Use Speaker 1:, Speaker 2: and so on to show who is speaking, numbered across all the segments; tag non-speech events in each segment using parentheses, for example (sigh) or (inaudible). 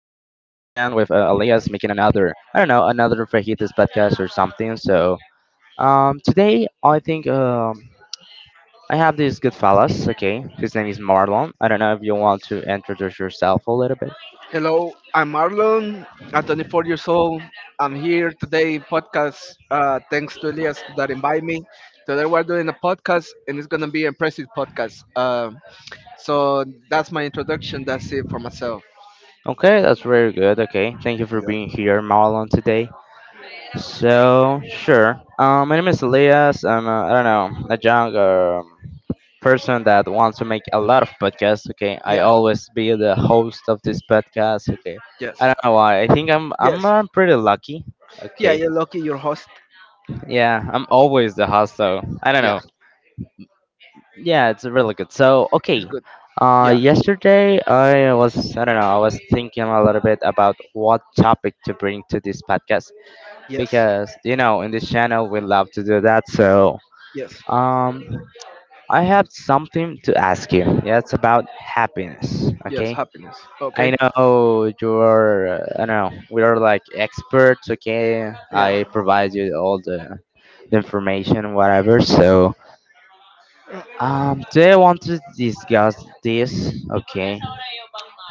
Speaker 1: with Elias making another, I don't know, another Fajitas podcast or something. So today I think I have this good fellas, okay? His name is Marlon. I don't know if you want to introduce yourself a little bit.
Speaker 2: Hello, I'm Marlon. I'm 24 years old. I'm here today podcast thanks to Elias that invite me. Today we're doing a podcast and it's gonna be an impressive podcast. So that's my introduction. That's it for myself.
Speaker 1: Okay, that's very good. Okay, thank you for
Speaker 2: Yeah.
Speaker 1: being here, Marlon, today. So, sure. My name is Elias. I'm, I don't know, a young, person that wants to make a lot of podcasts. Okay, I
Speaker 2: Yeah.
Speaker 1: always be the host of this podcast. Okay, I
Speaker 2: Yes.
Speaker 1: don't know why. I think I'm
Speaker 2: Yes.
Speaker 1: I'm, uh pretty lucky.
Speaker 2: Yeah.
Speaker 1: Okay,
Speaker 2: You're lucky. Your host.
Speaker 1: yeah, I'm always the host. So I don't
Speaker 2: Yeah.
Speaker 1: know. Yeah, it's really good. So
Speaker 2: It's
Speaker 1: okay,
Speaker 2: good. Yeah.
Speaker 1: yesterday I don't know, I was thinking a little bit about what topic to bring to this podcast,
Speaker 2: Yes.
Speaker 1: because you know in this channel we love to do that. So
Speaker 2: Yes.
Speaker 1: um, I have something to ask you. Yeah, it's about happiness.
Speaker 2: Yes.
Speaker 1: Okay,
Speaker 2: Happiness.
Speaker 1: I
Speaker 2: Okay.
Speaker 1: know you're, I don't know, we are like experts, okay?
Speaker 2: Yeah.
Speaker 1: I provide you all the information, whatever. So, today I want to discuss this, okay?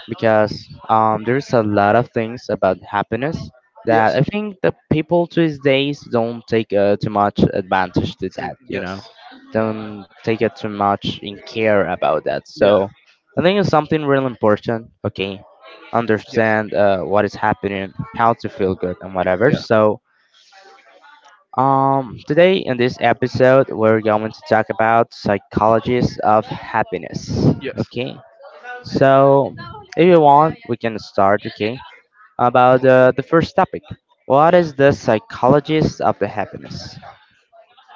Speaker 1: Because there's a lot of things about happiness that
Speaker 2: Yes.
Speaker 1: I think the people these days don't take too much advantage to
Speaker 2: See,
Speaker 1: that,
Speaker 2: yes.
Speaker 1: don't take it too much in care about that.
Speaker 2: Yeah.
Speaker 1: So I think it's something really important. Okay,
Speaker 2: Yes.
Speaker 1: understand what is happening, how to feel good, and whatever.
Speaker 2: Yeah.
Speaker 1: So today in this episode, we're going to talk about psychologists of happiness.
Speaker 2: Yes.
Speaker 1: Okay. So, if you want, we can start, okay? About the first topic. What is the psychologist of the happiness?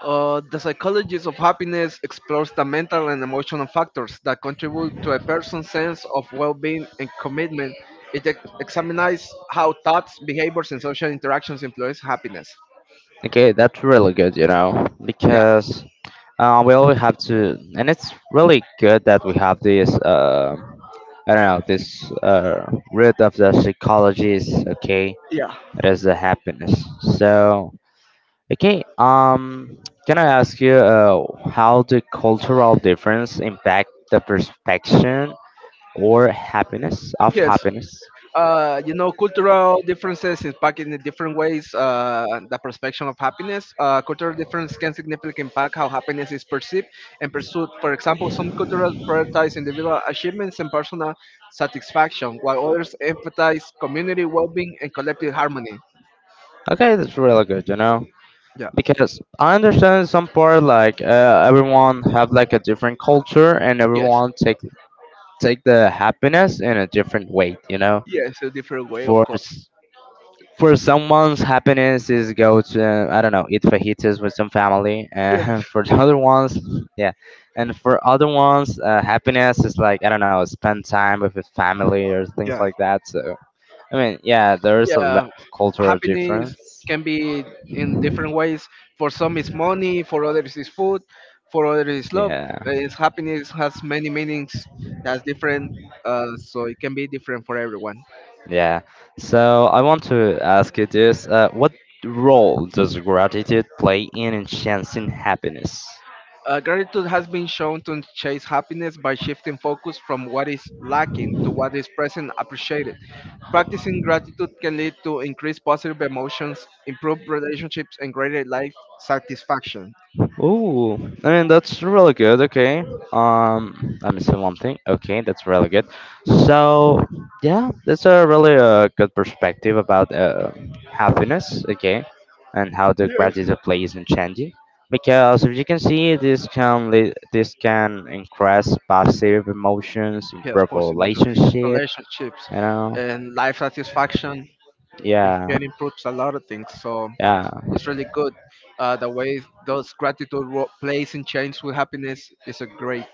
Speaker 2: The psychology of happiness explores the mental and emotional factors that contribute to a person's sense of well being and commitment. It examines how thoughts, behaviors, and social interactions influence happiness.
Speaker 1: Okay, that's really good, you know,
Speaker 2: Yeah.
Speaker 1: because we always have to, and it's really good that we have this, I don't know, this root of the psychologist, okay?
Speaker 2: Yeah.
Speaker 1: That is the happiness. So, okay, can I ask you how the cultural difference impact the perception or happiness of
Speaker 2: Yes,
Speaker 1: happiness?
Speaker 2: you know, cultural differences impact in different ways the perception of happiness. Cultural difference can significantly impact how happiness is perceived and pursued. For example, some cultures prioritize individual achievements and personal satisfaction, while others emphasize community well-being and collective harmony.
Speaker 1: Okay, that's really good, you know,
Speaker 2: Yeah.
Speaker 1: because I understand some part like everyone have like a different culture, and
Speaker 2: Yes,
Speaker 1: everyone take the happiness in a different way, you know.
Speaker 2: yes, a different way, of
Speaker 1: For
Speaker 2: course.
Speaker 1: s- for someone's happiness is go to, I don't know, eat fajitas with some family, and
Speaker 2: Yes.
Speaker 1: (laughs) for the other ones, yeah, and for other ones, happiness is like, I don't know, spend time with his family or things
Speaker 2: Yeah.
Speaker 1: like that. So I mean, yeah, there is a lot
Speaker 2: Yeah,
Speaker 1: of cultural
Speaker 2: happiness
Speaker 1: difference.
Speaker 2: can be in different ways. For some it's money, for others it's food, for others it's love.
Speaker 1: Yeah,
Speaker 2: It's happiness has many meanings, has different, so it can be different for everyone.
Speaker 1: yeah. So I want to ask you this: what role does gratitude play in enhancing happiness?
Speaker 2: Gratitude has been shown to chase happiness by shifting focus from what is lacking to what is present appreciated. Practicing gratitude can lead to increased positive emotions, improved relationships, and greater life satisfaction.
Speaker 1: Ooh, I mean, that's really good. Okay. Let me see one thing. Okay, that's really good. So yeah, that's a really good perspective about happiness. Okay, and how the gratitude plays in changing. Because if you can see, this can lead, this can increase positive emotions,
Speaker 2: Yeah, of
Speaker 1: improve
Speaker 2: course, emotional
Speaker 1: relationship.
Speaker 2: relationships
Speaker 1: You know.
Speaker 2: and life satisfaction. It
Speaker 1: Yeah.
Speaker 2: can improve a lot of things. So
Speaker 1: Yeah.
Speaker 2: it's really good. The way those gratitude plays in change with happiness is a great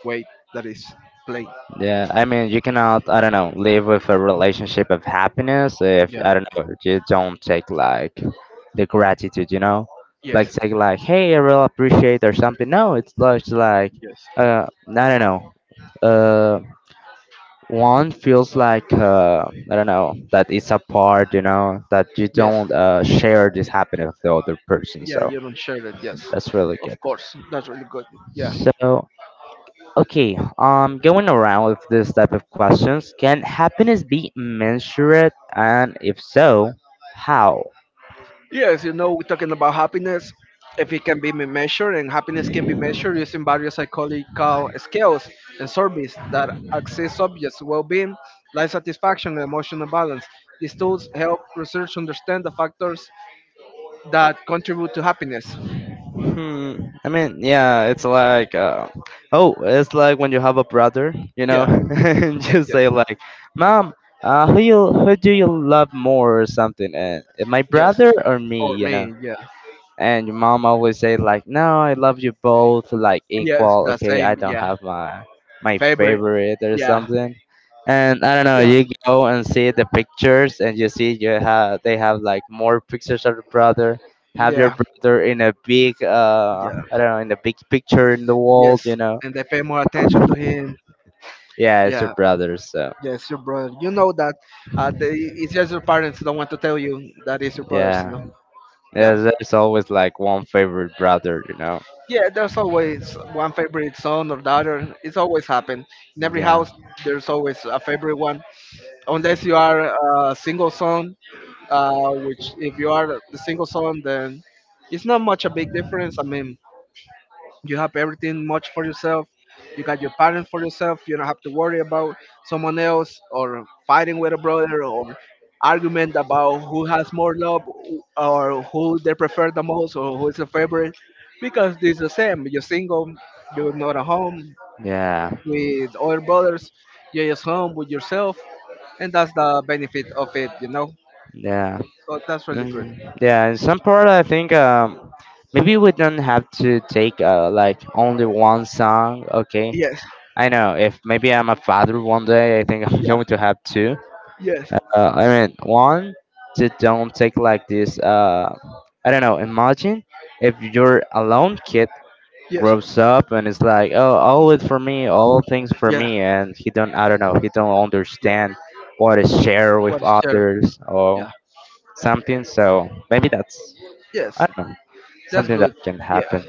Speaker 2: way that is playing.
Speaker 1: Yeah, I mean, you cannot, I don't know, live with a relationship of happiness if,
Speaker 2: Yeah.
Speaker 1: I don't know, you don't take like the gratitude, you know?
Speaker 2: Yes.
Speaker 1: Like, take like, hey, I really appreciate or something. No, it's just like,
Speaker 2: Yes.
Speaker 1: uh, I don't know. Uh, One feels like, I don't know, that it's apart, you know, that you
Speaker 2: Yes.
Speaker 1: don't share this happiness with the other person.
Speaker 2: Yeah,
Speaker 1: So
Speaker 2: you don't share it. Yes.
Speaker 1: that's really
Speaker 2: Of
Speaker 1: good.
Speaker 2: course. That's really good. Yeah.
Speaker 1: So okay, going around with this type of questions, can happiness be measured, and if so, how?
Speaker 2: Yes, you know, we're talking about happiness. If it can be measured, and happiness can be measured using various psychological scales and surveys that assess subjects' well-being, life satisfaction, and emotional balance. These tools help researchers understand the factors that contribute to happiness.
Speaker 1: Hmm. I mean, yeah, it's like, oh, it's like when you have a brother, you know, (laughs)
Speaker 2: Yeah,
Speaker 1: and you say
Speaker 2: yes,
Speaker 1: like, "Mom, who do you love more or something? My
Speaker 2: yes.
Speaker 1: brother or me?"
Speaker 2: Or
Speaker 1: You know.
Speaker 2: me, yeah,
Speaker 1: And your mom always say like, "No, I love you both like
Speaker 2: yes,
Speaker 1: equal.
Speaker 2: the
Speaker 1: Okay, I
Speaker 2: same,
Speaker 1: don't
Speaker 2: yeah.
Speaker 1: have my
Speaker 2: Favorite,
Speaker 1: favorite or
Speaker 2: yeah,
Speaker 1: something." And I don't know,
Speaker 2: yeah,
Speaker 1: you go and see the pictures, and you see you have they have like more pictures of the brother, have your
Speaker 2: yeah,
Speaker 1: brother in a big,
Speaker 2: yeah.
Speaker 1: I don't know, in a big picture in the wall,
Speaker 2: Yes,
Speaker 1: you know.
Speaker 2: and they pay more attention to him.
Speaker 1: Yeah, it's your
Speaker 2: Yeah.
Speaker 1: brother, so
Speaker 2: Yes, your brother. You know that it's just your parents don't want to tell you that it's your brothers, you
Speaker 1: yeah,
Speaker 2: know. Yeah.
Speaker 1: there's always like one favorite brother, you know.
Speaker 2: Yeah, there's always one favorite son or daughter. It's always happened. In every
Speaker 1: Yeah,
Speaker 2: house, there's always a favorite one. Unless you are a single son, uh, which if you are the single son, then it's not much a big difference. I mean, you have everything much for yourself. You got your parents for yourself. You don't have to worry about someone else or fighting with a brother or argument about who has more love or who they prefer the most or who is the favorite. Because it's the same. You're single. You're not at home
Speaker 1: yeah,
Speaker 2: with other brothers. You're just home with yourself, and that's the benefit of it. You know.
Speaker 1: yeah.
Speaker 2: So that's really good.
Speaker 1: Mm, yeah, in some part, I think maybe we don't have to take like only one song. Okay,
Speaker 2: Yes.
Speaker 1: I know if maybe I'm a father one day, I think (laughs) I'm
Speaker 2: Yeah.
Speaker 1: going to have two.
Speaker 2: Yes.
Speaker 1: Uh, I mean, one to don't take like this. I don't know. Imagine if your alone kid
Speaker 2: Yes.
Speaker 1: grows up and it's like, oh, all it for me, all things for
Speaker 2: Yeah.
Speaker 1: me, and he don't. I don't know. He don't
Speaker 2: Yeah.
Speaker 1: understand what is share with
Speaker 2: What is share?
Speaker 1: others or
Speaker 2: Yeah.
Speaker 1: something. So maybe that's, I
Speaker 2: Yes.
Speaker 1: don't know,
Speaker 2: That's
Speaker 1: something that
Speaker 2: good.
Speaker 1: can
Speaker 2: Yeah,
Speaker 1: happen.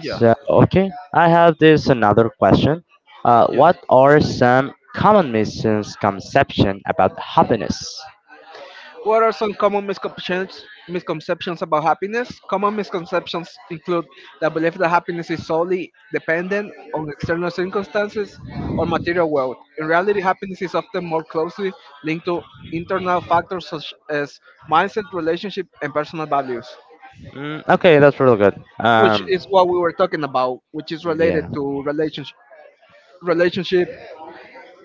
Speaker 2: yeah,
Speaker 1: So, okay, I have this another question.
Speaker 2: yes.
Speaker 1: What are some common misconceptions about happiness?
Speaker 2: What are some common misconceptions about happiness? Common misconceptions include the belief that happiness is solely dependent on external circumstances or material wealth. In reality, happiness is often more closely linked to internal factors such as mindset, relationship, and personal values,
Speaker 1: Mm, okay, that's really good.
Speaker 2: which is what we were talking about, which is related
Speaker 1: Yeah,
Speaker 2: to relationship, relationship,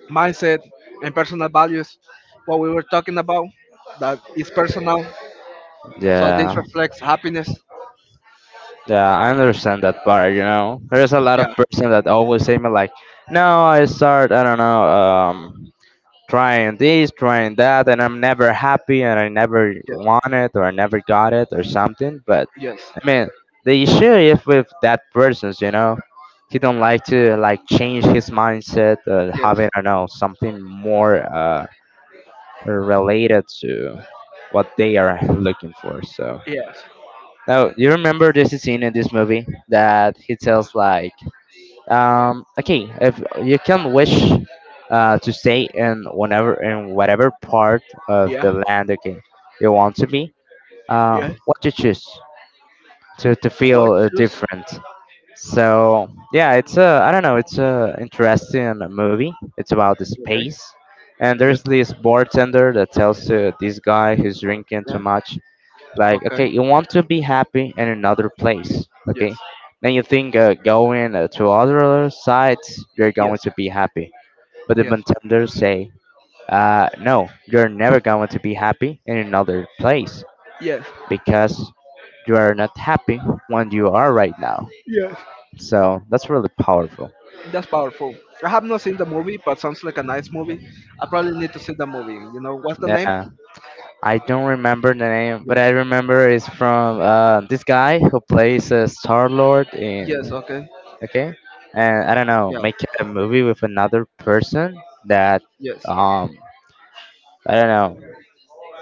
Speaker 2: mindset, and personal values, what we were talking about, that is personal, so this
Speaker 1: yeah,
Speaker 2: reflects happiness.
Speaker 1: yeah. I understand that part. You know, there's a lot of
Speaker 2: Yeah.
Speaker 1: person that always say me like, "No, I start, I don't know, trying this, trying that, and I'm never happy, and I never
Speaker 2: Yes.
Speaker 1: want it, or I never got it, or something." But
Speaker 2: Yes.
Speaker 1: I mean, the issue is with that person's, you know, he don't like to like change his mindset,
Speaker 2: Yes.
Speaker 1: having, I don't know, something more related to what they are looking for. So
Speaker 2: Yes.
Speaker 1: now you remember this scene in this movie that he tells like, okay, if you can wish. To stay in whenever in whatever part of
Speaker 2: Yeah.
Speaker 1: the land, okay, you want to be,
Speaker 2: Yes.
Speaker 1: what you choose to
Speaker 2: What
Speaker 1: feel
Speaker 2: choose.
Speaker 1: different. So yeah, it's a, I don't know, it's a interesting movie. It's about the
Speaker 2: Okay.
Speaker 1: space, and
Speaker 2: Yes.
Speaker 1: there's this bartender that tells this guy who's drinking too
Speaker 2: Yeah.
Speaker 1: much, like,
Speaker 2: Okay.
Speaker 1: okay, you want to be happy in another place,
Speaker 2: Yes.
Speaker 1: okay? Then you think going to other sites you're
Speaker 2: Yes.
Speaker 1: going to be happy, but the
Speaker 2: Yes.
Speaker 1: bartender say, no, you're never going to be happy in another place
Speaker 2: Yes.
Speaker 1: because you are not happy when you are right now.
Speaker 2: Yes.
Speaker 1: So that's really powerful.
Speaker 2: That's powerful. I have not seen the movie, but sounds like a nice movie. I probably need to see the movie. You know what's the name?
Speaker 1: Yeah, I don't remember the name, but
Speaker 2: Yes.
Speaker 1: I remember it's from this guy who plays Star Lord in,
Speaker 2: Yes. Okay.
Speaker 1: okay, and I don't know,
Speaker 2: Yeah.
Speaker 1: make a movie with another person that,
Speaker 2: Yes.
Speaker 1: um I don't know,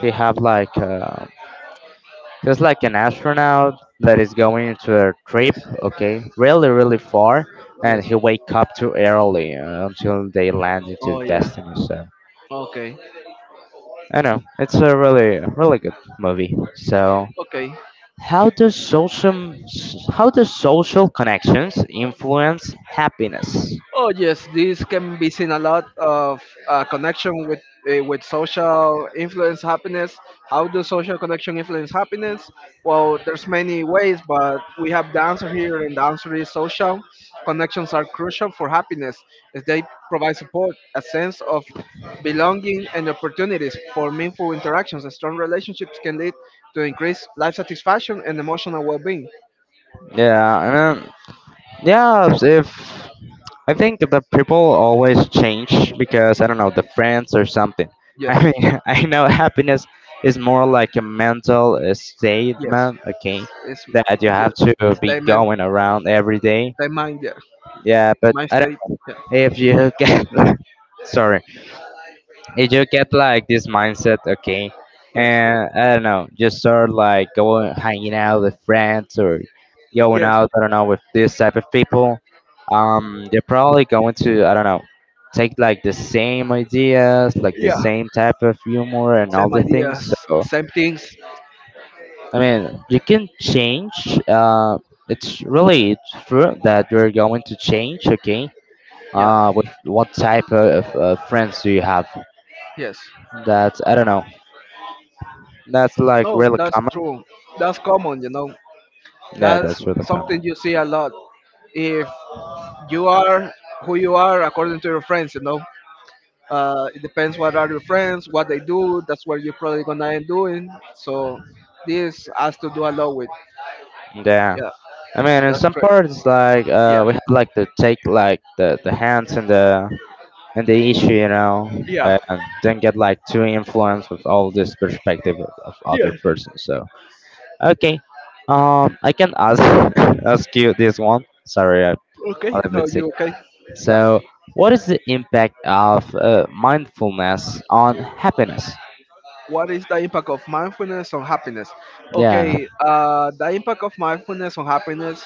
Speaker 1: they have like, just like an astronaut that is going into a trip,
Speaker 2: Yes.
Speaker 1: okay, really really far,
Speaker 2: Yes.
Speaker 1: and he wake up too early, until they land into
Speaker 2: Oh yeah.
Speaker 1: destiny. So
Speaker 2: Okay.
Speaker 1: I don't know, it's a really really good movie. So.
Speaker 2: Okay.
Speaker 1: How does social how does social connections influence happiness?
Speaker 2: Oh yes, this can be seen a lot of connection with with social influence happiness. How do social connection influence happiness? Well, there's many ways, but we have the answer here, and the answer is social connections are crucial for happiness, as they provide support, a sense of belonging, and opportunities for meaningful interactions. Strong relationships can lead to increased life satisfaction and emotional well-being.
Speaker 1: Yeah, and um, yeah, if I think the people always change because, I don't know, the friends or something. I
Speaker 2: Yes.
Speaker 1: mean, (laughs) I know happiness is more like a mental
Speaker 2: Yes.
Speaker 1: statement, okay,
Speaker 2: It's
Speaker 1: that you have
Speaker 2: yes.
Speaker 1: to be
Speaker 2: Same man.
Speaker 1: going around every day.
Speaker 2: Same mind. Yeah.
Speaker 1: Yeah, but
Speaker 2: Mind
Speaker 1: I
Speaker 2: state.
Speaker 1: don't,
Speaker 2: Yeah.
Speaker 1: if you (laughs) get, sorry, you just get like this mindset, okay,
Speaker 2: Yes.
Speaker 1: and I don't know, just start like going hanging out with friends or going
Speaker 2: Yes.
Speaker 1: out, I don't know, with this type of people. They're probably going to, I don't know, take like the same ideas, like the
Speaker 2: Yeah.
Speaker 1: same type of humor and all
Speaker 2: Same
Speaker 1: the
Speaker 2: ideas.
Speaker 1: things. So
Speaker 2: Same things.
Speaker 1: I mean, you can change. It's really true that you're going to change, okay.
Speaker 2: Yeah.
Speaker 1: With what type of friends do you have?
Speaker 2: Yes.
Speaker 1: That, I don't know. That's like
Speaker 2: No,
Speaker 1: really
Speaker 2: that's
Speaker 1: common.
Speaker 2: true. That's common. You know.
Speaker 1: Yeah,
Speaker 2: That's
Speaker 1: that's really common.
Speaker 2: something you see a lot. If you are who you are according to your friends. You know. It depends what are your friends, what they do. That's what you're probably gonna end doing. So this has to do a lot with.
Speaker 1: Yeah.
Speaker 2: Yeah.
Speaker 1: I mean, in
Speaker 2: That's
Speaker 1: some
Speaker 2: great.
Speaker 1: parts, like
Speaker 2: Yeah.
Speaker 1: we have like to take like the hands and the issue, you know,
Speaker 2: Yeah.
Speaker 1: and then get like too influenced with all this perspective of other
Speaker 2: Yeah.
Speaker 1: person. So okay, I can ask (laughs) ask you this one. Sorry, I'm a
Speaker 2: Okay.
Speaker 1: little bit
Speaker 2: No,
Speaker 1: sick.
Speaker 2: you okay? Yeah.
Speaker 1: So, what is the impact of mindfulness on happiness?
Speaker 2: What is the impact of mindfulness on happiness?
Speaker 1: Yeah,
Speaker 2: Okay. The impact of mindfulness on happiness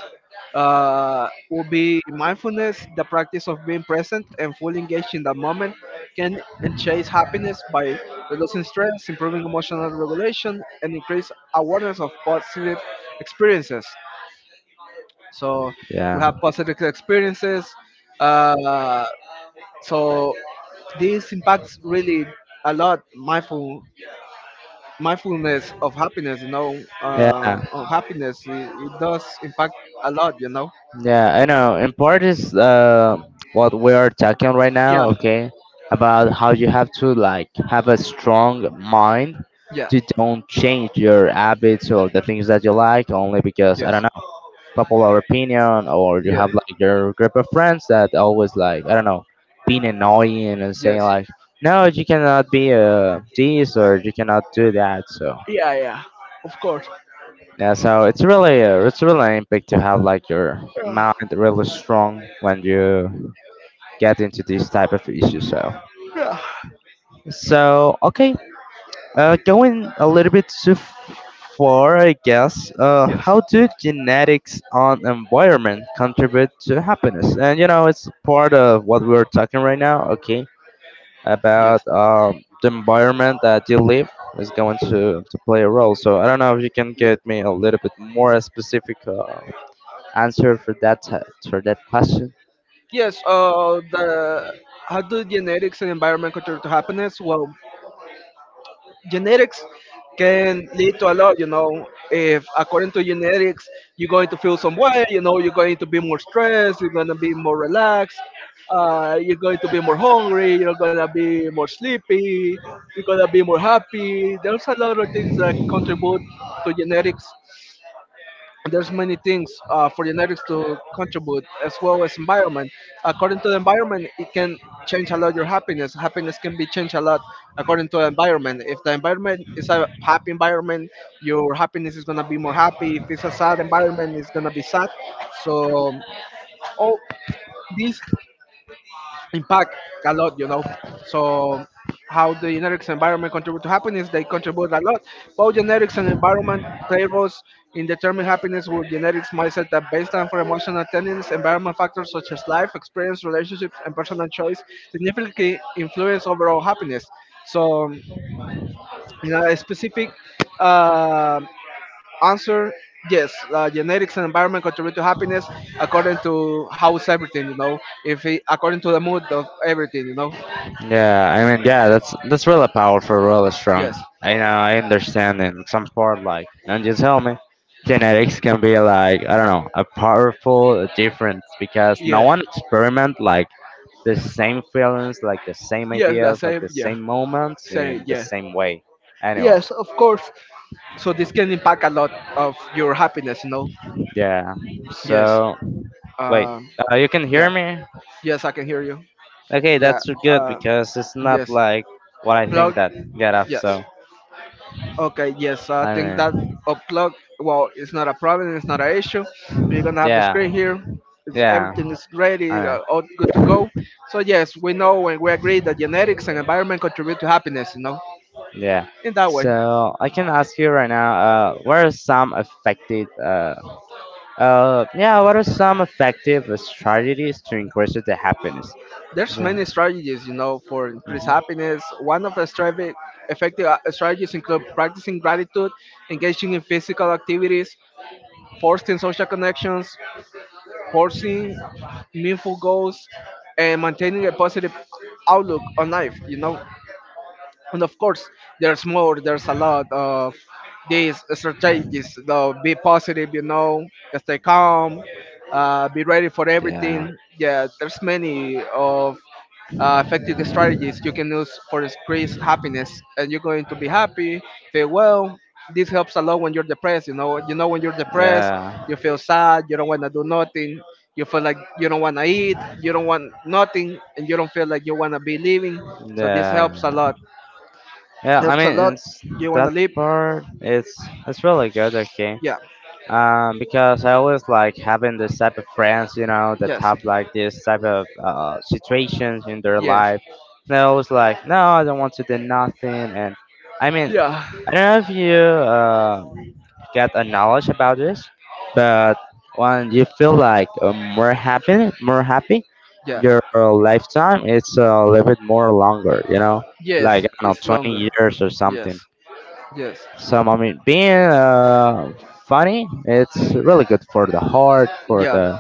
Speaker 2: will be mindfulness, the practice of being present and fully engaged in the moment, can chase happiness by reducing stress, improving emotional regulation, and increase awareness of positive experiences. So
Speaker 1: yeah,
Speaker 2: we have positive experiences. Uh, So this impacts really a lot mindfulness of happiness. You know,
Speaker 1: yeah.
Speaker 2: on happiness it, does impact a lot. You know.
Speaker 1: Yeah, I know. In part is, what we are talking right
Speaker 2: Yeah.
Speaker 1: now, okay, about how you have to like have a strong mind
Speaker 2: Yeah.
Speaker 1: to don't change your habits or the things that you like only because, I
Speaker 2: Yes.
Speaker 1: don't know, popular opinion, or you
Speaker 2: Yeah.
Speaker 1: have like your group of friends that always like, I don't know, being annoying and saying
Speaker 2: Yes.
Speaker 1: like, no, you cannot be, this or you cannot do that, so
Speaker 2: Yeah. Yeah. Of course.
Speaker 1: yeah, so it's really an big to have like your
Speaker 2: Yeah.
Speaker 1: mind really strong when you get into these type of issues. So
Speaker 2: Yeah.
Speaker 1: okay, going a little bit too far, I guess.
Speaker 2: Yes.
Speaker 1: How do genetics on environment contribute to happiness? And you know, it's part of what we're talking right now. Okay, about
Speaker 2: Yes.
Speaker 1: the environment that you live is going to play a role. So I don't know if you can
Speaker 2: Yes.
Speaker 1: get me a little bit more specific. Answer for for that question.
Speaker 2: Yes. The How do genetics and environment contribute to happiness? Well, genetics can lead to a lot. You know, if according to genetics you're going to feel some way. You know, you're going to be more stressed, you're going to be more relaxed, you're going to be more hungry, you're going to be more sleepy, you're going to be more happy. There's a lot of things that contribute to genetics. There's many things for genetics to contribute as well as environment. According to the environment, it can change a lot your happiness. Happiness can be changed a lot according to the environment. If the environment is a happy environment, your happiness is going to be more happy. If it's a sad environment, it's going to be sad. So all these impact a lot, you know. So how the genetics environment contribute to happiness, they contribute a lot. Both genetics and environment play roles in determining happiness, with genetics mindset that baseline for emotional intelligence, environment factors such as life, experience, relationships, and personal choice significantly influence overall happiness. So in a specific um answer: yes, genetics and environment contribute to happiness according to how is everything, you know. If it, according to the mood of everything, you know.
Speaker 1: Yeah, I mean, that's really powerful, really strong.
Speaker 2: Yes,
Speaker 1: I know, I understand in some part, like, and you tell me, genetics can be like, I don't know, a powerful difference because no
Speaker 2: yes,
Speaker 1: one experiment like the same feelings, like the same
Speaker 2: yes. The
Speaker 1: ideas, like
Speaker 2: same.
Speaker 1: the
Speaker 2: Yeah,
Speaker 1: same moments
Speaker 2: same.
Speaker 1: in the
Speaker 2: Yeah,
Speaker 1: same way. Anyway,
Speaker 2: yes. Of course. So this can impact a lot of your happiness, you know.
Speaker 1: yeah.
Speaker 2: Yes.
Speaker 1: So wait,
Speaker 2: Um.
Speaker 1: you can hear
Speaker 2: Yeah.
Speaker 1: me?
Speaker 2: Yes, I can hear you.
Speaker 1: Okay,
Speaker 2: Yeah.
Speaker 1: that's good
Speaker 2: Uh.
Speaker 1: because it's not
Speaker 2: Yes.
Speaker 1: like what I think
Speaker 2: Plug.
Speaker 1: that get up.
Speaker 2: Yes.
Speaker 1: So.
Speaker 2: Okay, yes, so I
Speaker 1: I
Speaker 2: think that
Speaker 1: mean,
Speaker 2: upload, well, it's not a problem, it's not an issue. We're gonna have the screen
Speaker 1: yeah,
Speaker 2: here. It's,
Speaker 1: yeah,
Speaker 2: everything is ready,
Speaker 1: I mean,
Speaker 2: all good to go. So yes, we know and we agree that genetics and environment contribute to happiness, you know,
Speaker 1: yeah.
Speaker 2: in that way.
Speaker 1: So I can ask you right now, what are some effective, yeah, what are some effective strategies to increase the happiness?
Speaker 2: There's
Speaker 1: Yeah.
Speaker 2: many strategies, you know, for increased
Speaker 1: Mhm.
Speaker 2: happiness. One of the strategic effective strategies include practicing gratitude, engaging in physical activities, fostering social connections, pursuing meaningful goals, and maintaining a positive outlook on life. You know, and of course there's more. There's a lot of these strategies. Though be positive, you know, stay calm, be ready for
Speaker 1: Yeah,
Speaker 2: everything. Yeah, there's many of effective strategies you can use for increased happiness, and you're going to be happy, feel well. This helps a lot when you're depressed. You know, you know when you're depressed you
Speaker 1: yeah,
Speaker 2: feel sad, you don't want to do nothing, you feel like you don't want to eat, you don't want nothing, and you don't feel like you want to be living. So this
Speaker 1: yeah,
Speaker 2: helps a
Speaker 1: yeah.
Speaker 2: lot.
Speaker 1: Yeah, I
Speaker 2: Helps a lot.
Speaker 1: mean, it's
Speaker 2: You wanna
Speaker 1: that
Speaker 2: live?
Speaker 1: part. It's really good. Okay,
Speaker 2: Yeah.
Speaker 1: because I always like having this type of friends, you know, that
Speaker 2: Yes.
Speaker 1: have like this type of situations in their
Speaker 2: Yes.
Speaker 1: life. And I always like, no, I don't want to do nothing. And I mean,
Speaker 2: Yeah.
Speaker 1: I don't know if you get a knowledge about this, but when you feel like more happy,
Speaker 2: Yeah.
Speaker 1: your lifetime it's a little bit more longer, you know, like
Speaker 2: Yes.
Speaker 1: I don't
Speaker 2: It's
Speaker 1: know, 20
Speaker 2: longer.
Speaker 1: years or
Speaker 2: Yes.
Speaker 1: something.
Speaker 2: Yes.
Speaker 1: Some, I mean, being funny, it's really good for the heart, for
Speaker 2: Yeah.
Speaker 1: the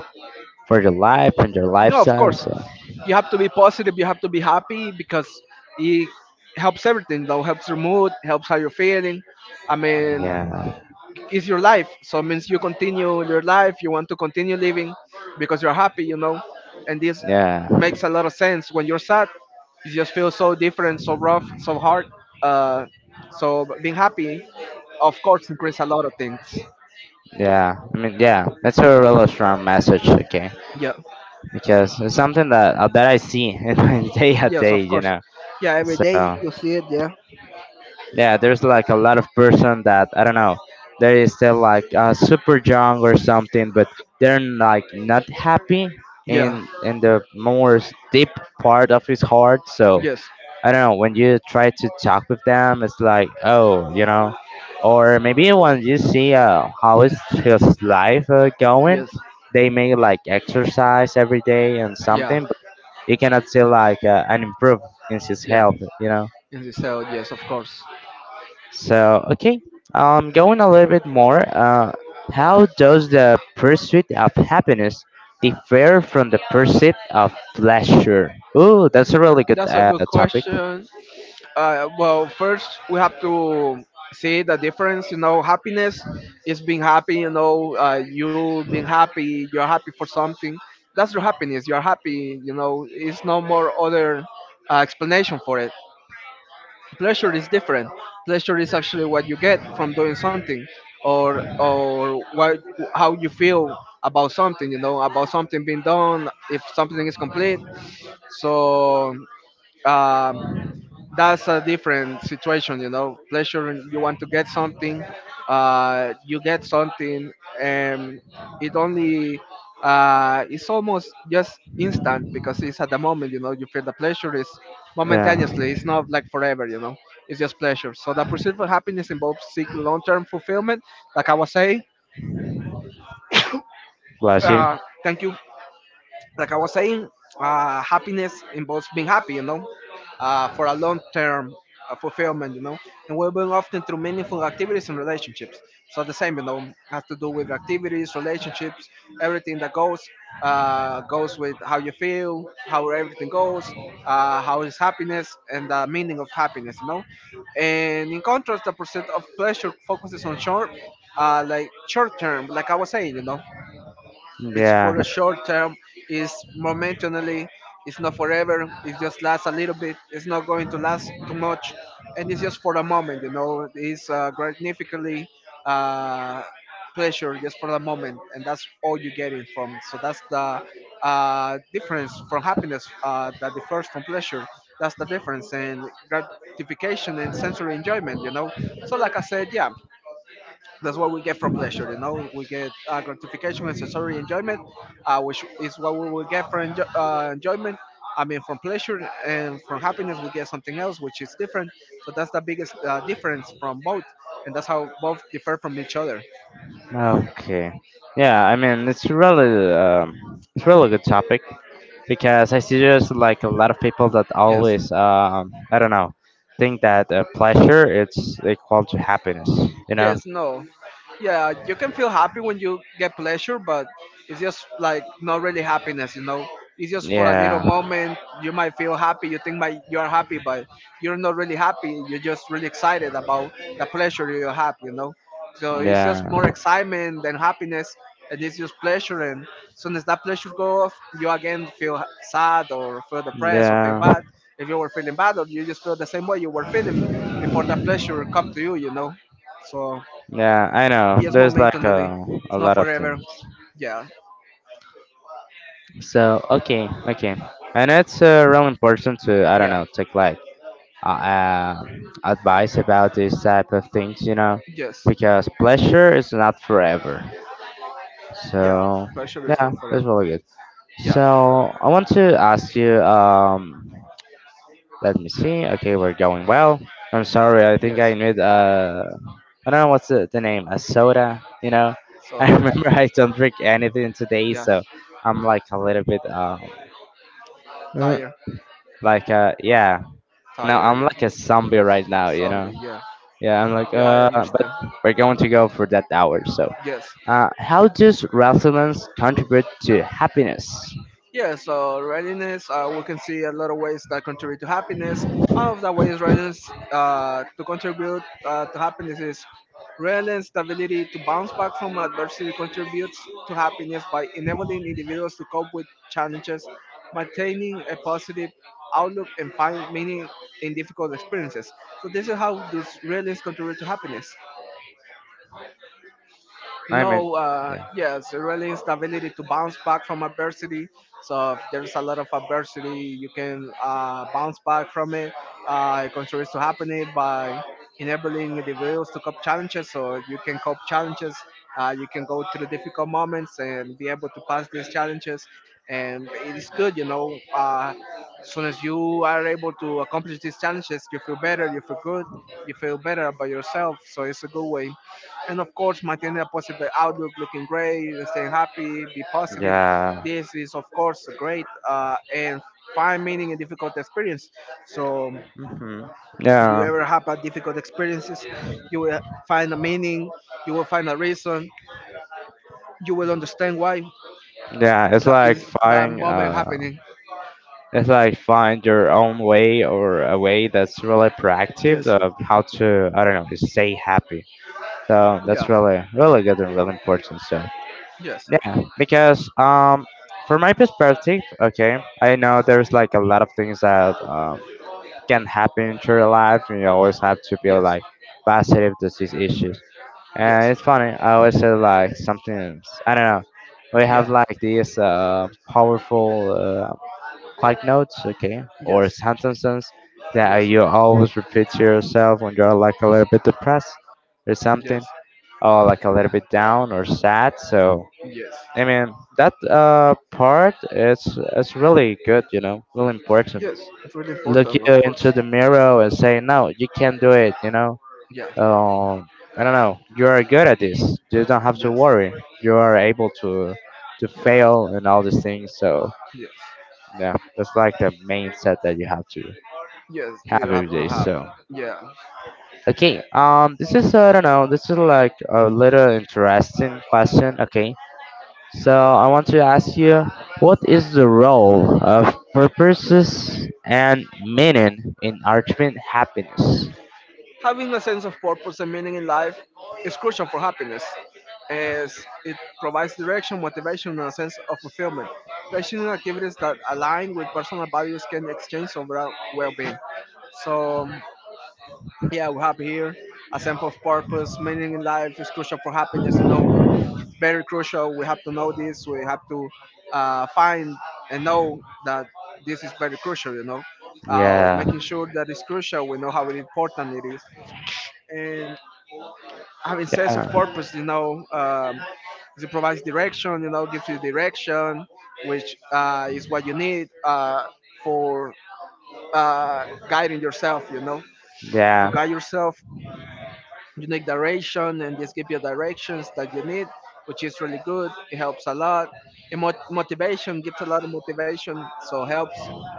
Speaker 1: for your life and your
Speaker 2: No, of
Speaker 1: lifestyle.
Speaker 2: course.
Speaker 1: So
Speaker 2: You have to be positive. You have to be happy because it helps everything. Though helps your mood, helps how you're feeling. I mean,
Speaker 1: yeah,
Speaker 2: it's your life. So it means you continue your life. You want to continue living because you're happy, you know. And this
Speaker 1: yeah,
Speaker 2: makes a lot of sense. When you're sad, you just feel so different, so rough, so hard. Uh, so being happy, of course, increase a lot of things.
Speaker 1: yeah. I mean, yeah, that's a really strong message. Okay,
Speaker 2: Yeah.
Speaker 1: because it's something that that I see (laughs) in my day to
Speaker 2: Yes,
Speaker 1: day.
Speaker 2: of
Speaker 1: You
Speaker 2: course.
Speaker 1: know,
Speaker 2: Yeah, every day
Speaker 1: so
Speaker 2: you see it. Yeah.
Speaker 1: yeah, there's like a lot of person that I don't know, they still like super young or something, but they're like not happy
Speaker 2: Yeah.
Speaker 1: in the more deep part of his heart. So
Speaker 2: Yes.
Speaker 1: I don't know, when you try to talk with them, it's like, oh, you know, or maybe when you see how is his life going.
Speaker 2: Yes.
Speaker 1: They may like exercise every day and
Speaker 2: Yeah.
Speaker 1: something, but you cannot see like an improve in his
Speaker 2: Yeah.
Speaker 1: health, you know.
Speaker 2: In the cell. Yes, of course.
Speaker 1: So, okay, going a little bit more, how does the pursuit of happiness differ from the pursuit of pleasure? Ooh, that's a really good
Speaker 2: That's a good
Speaker 1: topic.
Speaker 2: question. Well, first we have to see the difference. You know, happiness is being happy. You know, you being happy. You're happy for something. That's your happiness. You're happy. You know, it's no more other explanation for it. Pleasure is different. Pleasure is actually what you get from doing something, or what how you feel about something. You know, about something being done. If something is complete, so. Um, that's a different situation, you know. Pleasure, you want to get something, you get something, and it only it's almost just instant because it's at the moment. You know, you feel the pleasure is
Speaker 1: Yeah,
Speaker 2: momentaneously, it's not like forever, you know. It's just pleasure. So the pursuit of happiness involves seeking long-term fulfillment, like I was saying.
Speaker 1: bless you.
Speaker 2: uh Thank you. Like I was saying, happiness involves being happy, you know, for a long term fulfillment, you know, and well being often through meaningful activities and relationships. So the same, you know, has to do with activities, relationships, everything that goes goes with how you feel, how everything goes, how is happiness, and the meaning of happiness, you know. And in contrast, the pursuit of pleasure focuses on short, like short term, like I was saying, you know, it's
Speaker 1: Yeah,
Speaker 2: for a short term. It's momentarily. It's not forever. It just lasts a little bit. It's not going to last too much, and it's just for a moment. You know, it's gratificantly uh, pleasure just for the moment, and that's all you're getting from. So that's the difference from happiness, that differs from pleasure. That's the difference, and gratification and sensory enjoyment, you know. So like I said, yeah, that's what we get from pleasure, you know. We get gratification and sensory enjoyment, which is what we will get from enjoyment. I mean, from pleasure. And from happiness, we get something else, which is different. So that's the biggest difference from both, and that's how both differ from each other.
Speaker 1: okay. Yeah, I mean, it's really good topic because I see there's like a lot of people that
Speaker 2: Yes.
Speaker 1: always, I don't know, think that pleasure it's equal to happiness. You know?
Speaker 2: Yes, no. Yeah, you can feel happy when you get pleasure, but it's just like not really happiness, you know. It's just for a little
Speaker 1: Yeah,
Speaker 2: moment. You might feel happy, you think might you are happy, but you're not really happy. You're just really excited about the pleasure you have, you know. So it's just
Speaker 1: yeah.
Speaker 2: more excitement than happiness. And it's just pleasure, and soon as that pleasure goes off, you again feel sad, or feel depressed, or feel
Speaker 1: Yeah,
Speaker 2: bad if you were feeling bad, or you just feel the same way you were feeling before the pleasure come to you, you know. So
Speaker 1: yeah, I know.
Speaker 2: yes,
Speaker 1: There's like
Speaker 2: momentarily,
Speaker 1: a
Speaker 2: it's not
Speaker 1: lot of
Speaker 2: forever.
Speaker 1: things.
Speaker 2: Yeah,
Speaker 1: So okay, okay, and it's real important to, I don't
Speaker 2: yeah,
Speaker 1: know, take like uh, uh, advice about these type of things, you know,
Speaker 2: yes,
Speaker 1: because pleasure is not forever.
Speaker 2: yeah.
Speaker 1: So
Speaker 2: Pressure is
Speaker 1: yeah,
Speaker 2: not
Speaker 1: that's
Speaker 2: forever.
Speaker 1: really good.
Speaker 2: Yeah,
Speaker 1: So I want to ask you, let me see. Okay, we're going well. I'm sorry. I think
Speaker 2: yes,
Speaker 1: I need I don't know what's the name. A soda. You know, (laughs) I
Speaker 2: sorry.
Speaker 1: remember I don't drink anything today,
Speaker 2: Yeah,
Speaker 1: so I'm like a little bit uh,
Speaker 2: tire,
Speaker 1: like yeah. No,
Speaker 2: tire.
Speaker 1: I'm
Speaker 2: Yeah,
Speaker 1: like a zombie right now. You know.
Speaker 2: zombie. Yeah,
Speaker 1: Yeah, I'm like
Speaker 2: yeah. I
Speaker 1: but
Speaker 2: understand.
Speaker 1: we're going to go for that hour. So,
Speaker 2: Yes.
Speaker 1: how does resilience contribute to happiness?
Speaker 2: Yeah, so readiness, we can see a lot of ways that contribute to happiness. One of the ways readiness to contribute to happiness is readiness, the ability to bounce back from adversity contributes to happiness by enabling individuals to cope with challenges, maintaining a positive outlook, and find meaning in difficult experiences. So this is how does readiness contribute to happiness, you
Speaker 1: I mean,
Speaker 2: know.
Speaker 1: yeah,
Speaker 2: Yes, really is the ability to bounce back from adversity. So if there's a lot of adversity, you can bounce back from it. It contributes to happening by enabling individuals to cope challenges. So you can cope challenges. You can go through difficult moments and be able to pass these challenges. And it's good, you know. As soon as you are able to accomplish these challenges, you feel better, you feel good, you feel better about yourself. So it's a good way. And of course, maintaining a positive outlook, looking great, staying happy, be positive.
Speaker 1: yeah.
Speaker 2: This is, of course, great, and find meaning in difficult experience. So
Speaker 1: Hmm,
Speaker 2: if you
Speaker 1: yeah,
Speaker 2: ever have a difficult experiences, you will find a meaning, you will find a reason, you will understand why
Speaker 1: yeah. It's
Speaker 2: that
Speaker 1: like
Speaker 2: is that
Speaker 1: finding
Speaker 2: moment happening.
Speaker 1: it's like find your own way or a way that's really proactive
Speaker 2: Yes.
Speaker 1: of how to, I don't know, stay happy. So that's
Speaker 2: Yeah.
Speaker 1: really really good and really important. So
Speaker 2: Yes.
Speaker 1: yeah, because from my perspective, okay, I know there's like a lot of things that can happen in your life, and you always have to be
Speaker 2: Yes.
Speaker 1: like positive to these issues. And
Speaker 2: Yes.
Speaker 1: it's funny. I always say like something, I don't know. We
Speaker 2: Yeah.
Speaker 1: have like this powerful, like notes, okay, or
Speaker 2: Yes.
Speaker 1: sentences that
Speaker 2: Yes.
Speaker 1: you always repeat to yourself when you're like a little bit depressed or
Speaker 2: Yes.
Speaker 1: something, or like a little bit down or sad. So
Speaker 2: Yes.
Speaker 1: I mean that part is really good, you know, really important.
Speaker 2: Yes. It's really
Speaker 1: Look
Speaker 2: important, of
Speaker 1: you
Speaker 2: course.
Speaker 1: into the mirror and say, no, you can do it, you know.
Speaker 2: Yeah.
Speaker 1: Um, I don't know, you are good at this. You don't have to
Speaker 2: Yes.
Speaker 1: worry. You are able to fail and all these things. So
Speaker 2: Yes.
Speaker 1: yeah, that's like the main set that you have to
Speaker 2: Yes.
Speaker 1: have
Speaker 2: You have
Speaker 1: every
Speaker 2: to
Speaker 1: day.
Speaker 2: have.
Speaker 1: So,
Speaker 2: Yeah.
Speaker 1: okay. This is, I don't know, this is like a little interesting question. Okay. So I want to ask you, what is the role of purposes and meaning in ultimate happiness?
Speaker 2: Having a sense of purpose and meaning in life is crucial for happiness, as it provides direction, motivation, and a sense of fulfillment. Passionate activities that align with personal values can exchange overall well-being. So yeah, we're happy here. A sense of purpose, meaning in life is crucial for happiness, you know. Very crucial. We have to know this. We have to find and know that this is very crucial. You know,
Speaker 1: Yeah.
Speaker 2: making sure that it's crucial. We know how important it is, and having sense of
Speaker 1: Yeah.
Speaker 2: purpose. You know, it provides direction. You know, gives you direction, which is what you need for guiding yourself. You know, to
Speaker 1: Yeah.
Speaker 2: guide yourself unique direction, and this give you directions that you need, which is really good. It helps a lot. It Motivation, gives a lot of motivation. So helps,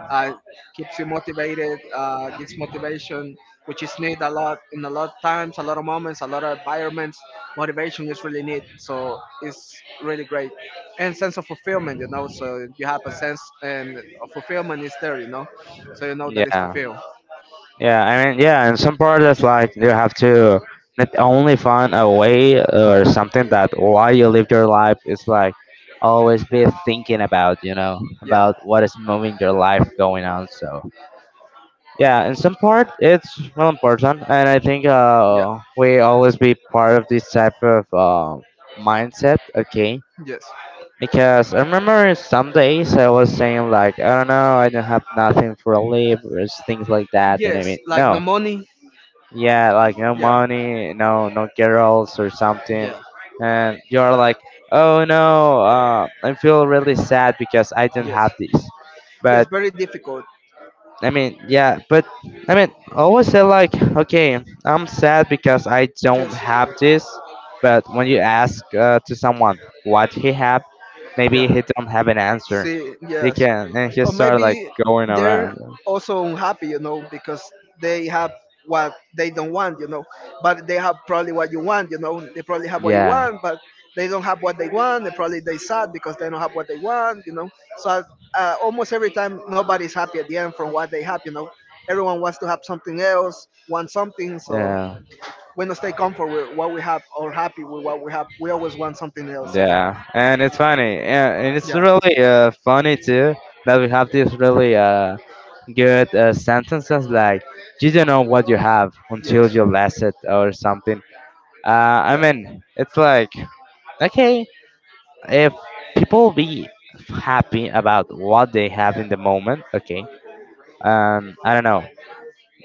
Speaker 2: uh, keeps you motivated, gives motivation, which is need a lot, in a lot of times, a lot of moments, a lot of environments. Motivation is really need, so it's really great. And sense of fulfillment, you know. So you have a sense, and of fulfillment is there, you know. So you know that it's
Speaker 1: Yeah.
Speaker 2: fulfilled.
Speaker 1: Yeah, I mean, yeah, and some part that's like you have to not only find a way or something that while you live your life, it's like always be thinking about, you know,
Speaker 2: Yeah,
Speaker 1: about what is moving your life going on. So yeah, in some part it's real important, and I think
Speaker 2: yeah,
Speaker 1: we always be part of this type of mindset. Okay,
Speaker 2: yes,
Speaker 1: because I remember some days I was saying like, I don't know, I don't have nothing for a live, or things like that, and I
Speaker 2: yes,
Speaker 1: mean,
Speaker 2: like
Speaker 1: no,
Speaker 2: no money.
Speaker 1: yeah, like no
Speaker 2: Yeah,
Speaker 1: money, no, no girls or something,
Speaker 2: yeah,
Speaker 1: and you're like, oh no, I feel really sad because I don't
Speaker 2: yes,
Speaker 1: have this. But
Speaker 2: yes, very difficult.
Speaker 1: I mean, yeah, but I mean, always say like, okay, I'm sad because I don't
Speaker 2: Yes,
Speaker 1: have this. But when you ask to someone what he have, maybe
Speaker 2: yeah,
Speaker 1: he don't have an answer.
Speaker 2: see,
Speaker 1: He
Speaker 2: yes,
Speaker 1: can and he
Speaker 2: or
Speaker 1: start like
Speaker 2: maybe
Speaker 1: going
Speaker 2: they're
Speaker 1: around.
Speaker 2: also unhappy, you know, because they have what they don't want, you know, but they have probably what you want, you know, they probably have what you
Speaker 1: Yeah,
Speaker 2: want, but they don't have what they want, and probably they sad because they don't have what they want, you know. So almost every time nobody's happy at the end from what they have, you know. Everyone wants to have something else, want something, so
Speaker 1: yeah.
Speaker 2: we don't stay comfortable with what we have or happy with what we have. We always want something else, you know.
Speaker 1: Yeah, and it's funny, yeah, and it's
Speaker 2: Yeah.
Speaker 1: really funny too that we have these really good sentences like you don't know what you have until
Speaker 2: Yes.
Speaker 1: you lose it or something. I
Speaker 2: Yeah.
Speaker 1: mean, it's like okay, if people be happy about what they have in the moment, okay. I don't know.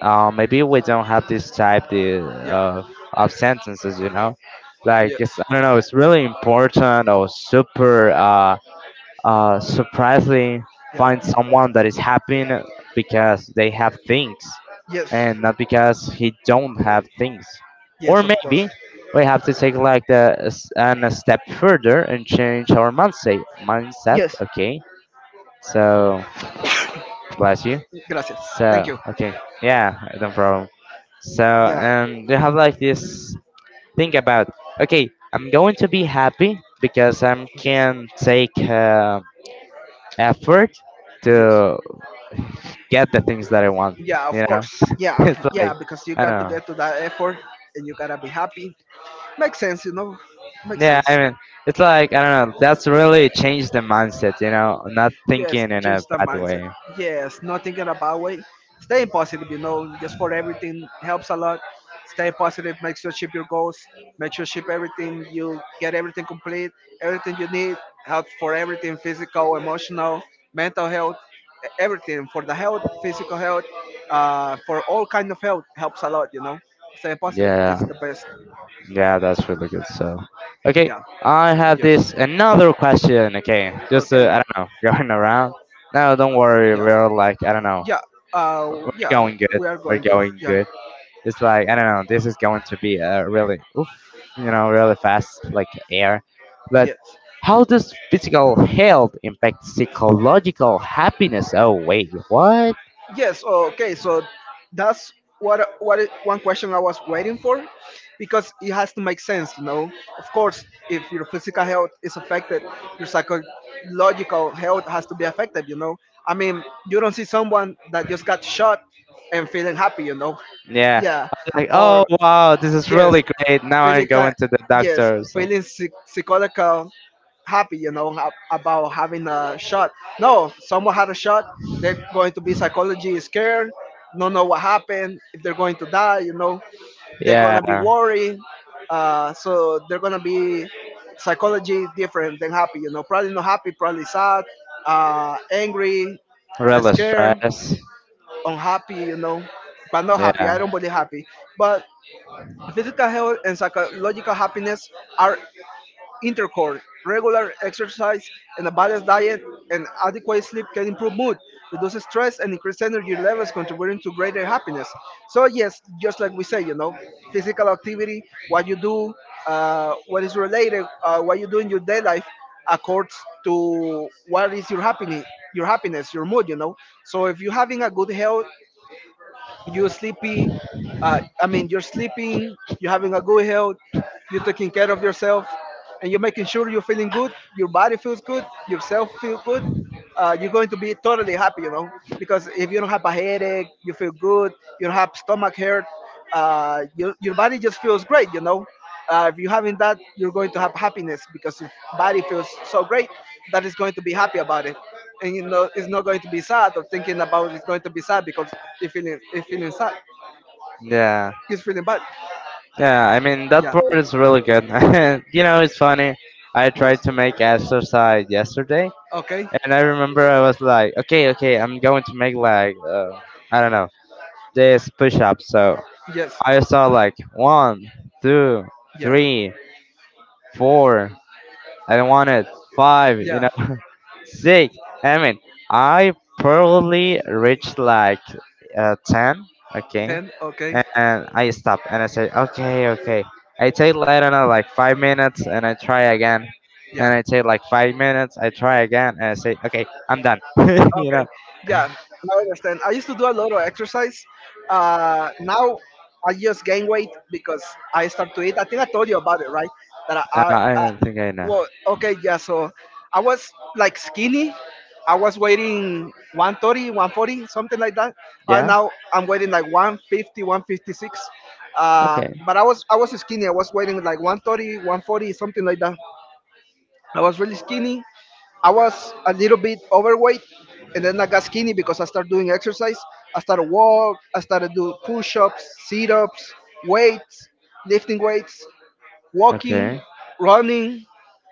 Speaker 1: Maybe we don't have this type the,
Speaker 2: Yeah.
Speaker 1: of of sentences, you know. Like
Speaker 2: Yes.
Speaker 1: it's, I don't know, it's really important or super. Surprisingly
Speaker 2: Yeah.
Speaker 1: find someone that is happy because they have things
Speaker 2: Yes.
Speaker 1: and not because he don't have things, or
Speaker 2: Yes, of course.
Speaker 1: maybe we have to take like the an, a step further and change our mindset,
Speaker 2: Yes.
Speaker 1: okay. So bless you.
Speaker 2: Gracias. Thank
Speaker 1: So
Speaker 2: you.
Speaker 1: okay, yeah, no problem. So
Speaker 2: Yeah.
Speaker 1: you have like this think about, okay, I'm going to be happy because I am
Speaker 2: Yes.
Speaker 1: can take effort to get the things that I want.
Speaker 2: Yeah, of
Speaker 1: You know,
Speaker 2: course.
Speaker 1: (laughs) it's
Speaker 2: Yeah.
Speaker 1: like
Speaker 2: Yeah, because you
Speaker 1: I
Speaker 2: got
Speaker 1: don't
Speaker 2: to
Speaker 1: know.
Speaker 2: get to that effort, and you gotta be happy. Makes sense, you know. Makes
Speaker 1: Yeah,
Speaker 2: sense.
Speaker 1: I mean, it's like I don't know. That's really changed the mindset. You know, not
Speaker 2: Yes,
Speaker 1: thinking in a
Speaker 2: change the
Speaker 1: bad
Speaker 2: mindset.
Speaker 1: way.
Speaker 2: Yes, not thinking about it. Staying positive, you know, just for everything helps a lot. Stay positive, make sure ship your goals, make sure ship everything, you get everything complete, everything you need, help for everything physical, emotional, mental health, everything for the health, physical health, for all kind of health helps a lot, you know. Stay positive is
Speaker 1: Yeah,
Speaker 2: the best.
Speaker 1: yeah, that's really good. So, okay,
Speaker 2: Yeah.
Speaker 1: I have this another question. Okay, just
Speaker 2: Okay.
Speaker 1: I don't know, (laughs) going around. No, don't worry.
Speaker 2: Yeah.
Speaker 1: We're like I don't know.
Speaker 2: Yeah.
Speaker 1: We're
Speaker 2: Yeah,
Speaker 1: going good.
Speaker 2: we are
Speaker 1: We're
Speaker 2: going good.
Speaker 1: going
Speaker 2: Yeah.
Speaker 1: good. It's like I don't know. This is going to be a really, oof, you know, really fast like air. But
Speaker 2: Yes.
Speaker 1: how does physical health impact psychological happiness? Oh wait, what?
Speaker 2: Yes. Okay. So that's one question I was waiting for, because it has to make sense. You know, of course, if your physical health is affected, your psychological health has to be affected. You know, I mean, you don't see someone that just got shot and feeling happy. You know,
Speaker 1: Yeah,
Speaker 2: yeah,
Speaker 1: like oh
Speaker 2: or
Speaker 1: wow, this is
Speaker 2: yes,
Speaker 1: really great. Now I'm
Speaker 2: feeling
Speaker 1: going
Speaker 2: ki-
Speaker 1: to the
Speaker 2: yes,
Speaker 1: doctor. So
Speaker 2: psychological happy, you know, about having a shot. No, if someone had a shot, they're going to be psychology scared, don't know what happened, if they're going to die, you know, they're gonna be
Speaker 1: yeah,
Speaker 2: worried. So they're gonna be psychology different than happy, you know, probably not happy, probably sad, angry,
Speaker 1: really
Speaker 2: scared,
Speaker 1: stress.
Speaker 2: unhappy, you know, but not happy.
Speaker 1: Yeah,
Speaker 2: I don't believe happy, but physical health and psychological happiness are intercord. Regular exercise and a balanced diet and adequate sleep can improve mood, reduce stress, and increase energy levels, contributing to greater happiness. So, yes, just like we say, you know, physical activity, what you do, what is related, what you do in your day life, accords to what is your happiness, your happiness, your mood, you know. So, if you're having a good health, you're sleepy, I mean, you're sleeping, you're having a good health, you're taking care of yourself, and you're making sure you're feeling good. Your body feels good, yourself feel good. You're going to be totally happy, you know, because if you don't have a headache, you feel good. You don't have stomach hurt. Your your body just feels great, you know. If you're having that, you're going to have happiness because your body feels so great that it's going to be happy about it, and you know it's not going to be sad or thinking about it's going to be sad because it feeling sad.
Speaker 1: yeah,
Speaker 2: He's feeling bad.
Speaker 1: yeah. I mean that
Speaker 2: Yeah.
Speaker 1: part is really good. (laughs) you know, it's funny. I
Speaker 2: Yes.
Speaker 1: tried to make exercise yesterday.
Speaker 2: Okay.
Speaker 1: And I remember I was like, okay, okay, I'm going to make like, I don't know, this push up. So
Speaker 2: Yes.
Speaker 1: I saw like one, two,
Speaker 2: Yeah.
Speaker 1: three, four, I wanted five, you
Speaker 2: Yeah.
Speaker 1: know, (laughs) six. I mean, I probably reached like 10, okay,
Speaker 2: Ten. Okay.
Speaker 1: and I stopped and I said, okay, okay. I take, I don't know, like 5 minutes and I try again. And
Speaker 2: Yeah.
Speaker 1: I take like 5 minutes, I try again, and I say, okay, I'm done. (laughs) You
Speaker 2: Okay,
Speaker 1: know.
Speaker 2: yeah, I understand. I used to do a lot of exercise. Now I just gain weight because I start to eat. I think I told you about it, right? That
Speaker 1: I
Speaker 2: I
Speaker 1: don't think I know.
Speaker 2: well, okay, yeah. So I was like skinny. I was weighing 130, 140, something like that. And
Speaker 1: Yeah?
Speaker 2: now I'm weighing like 150, 156. Uh,
Speaker 1: Okay.
Speaker 2: but I was I was skinny. I was weighing like 130, 140, something like that. I was really skinny. I was a little bit overweight, and then I got skinny because I started doing exercise. I started walk. I started do push-ups, sit-ups, weights, lifting weights,
Speaker 1: Okay.
Speaker 2: walking, running,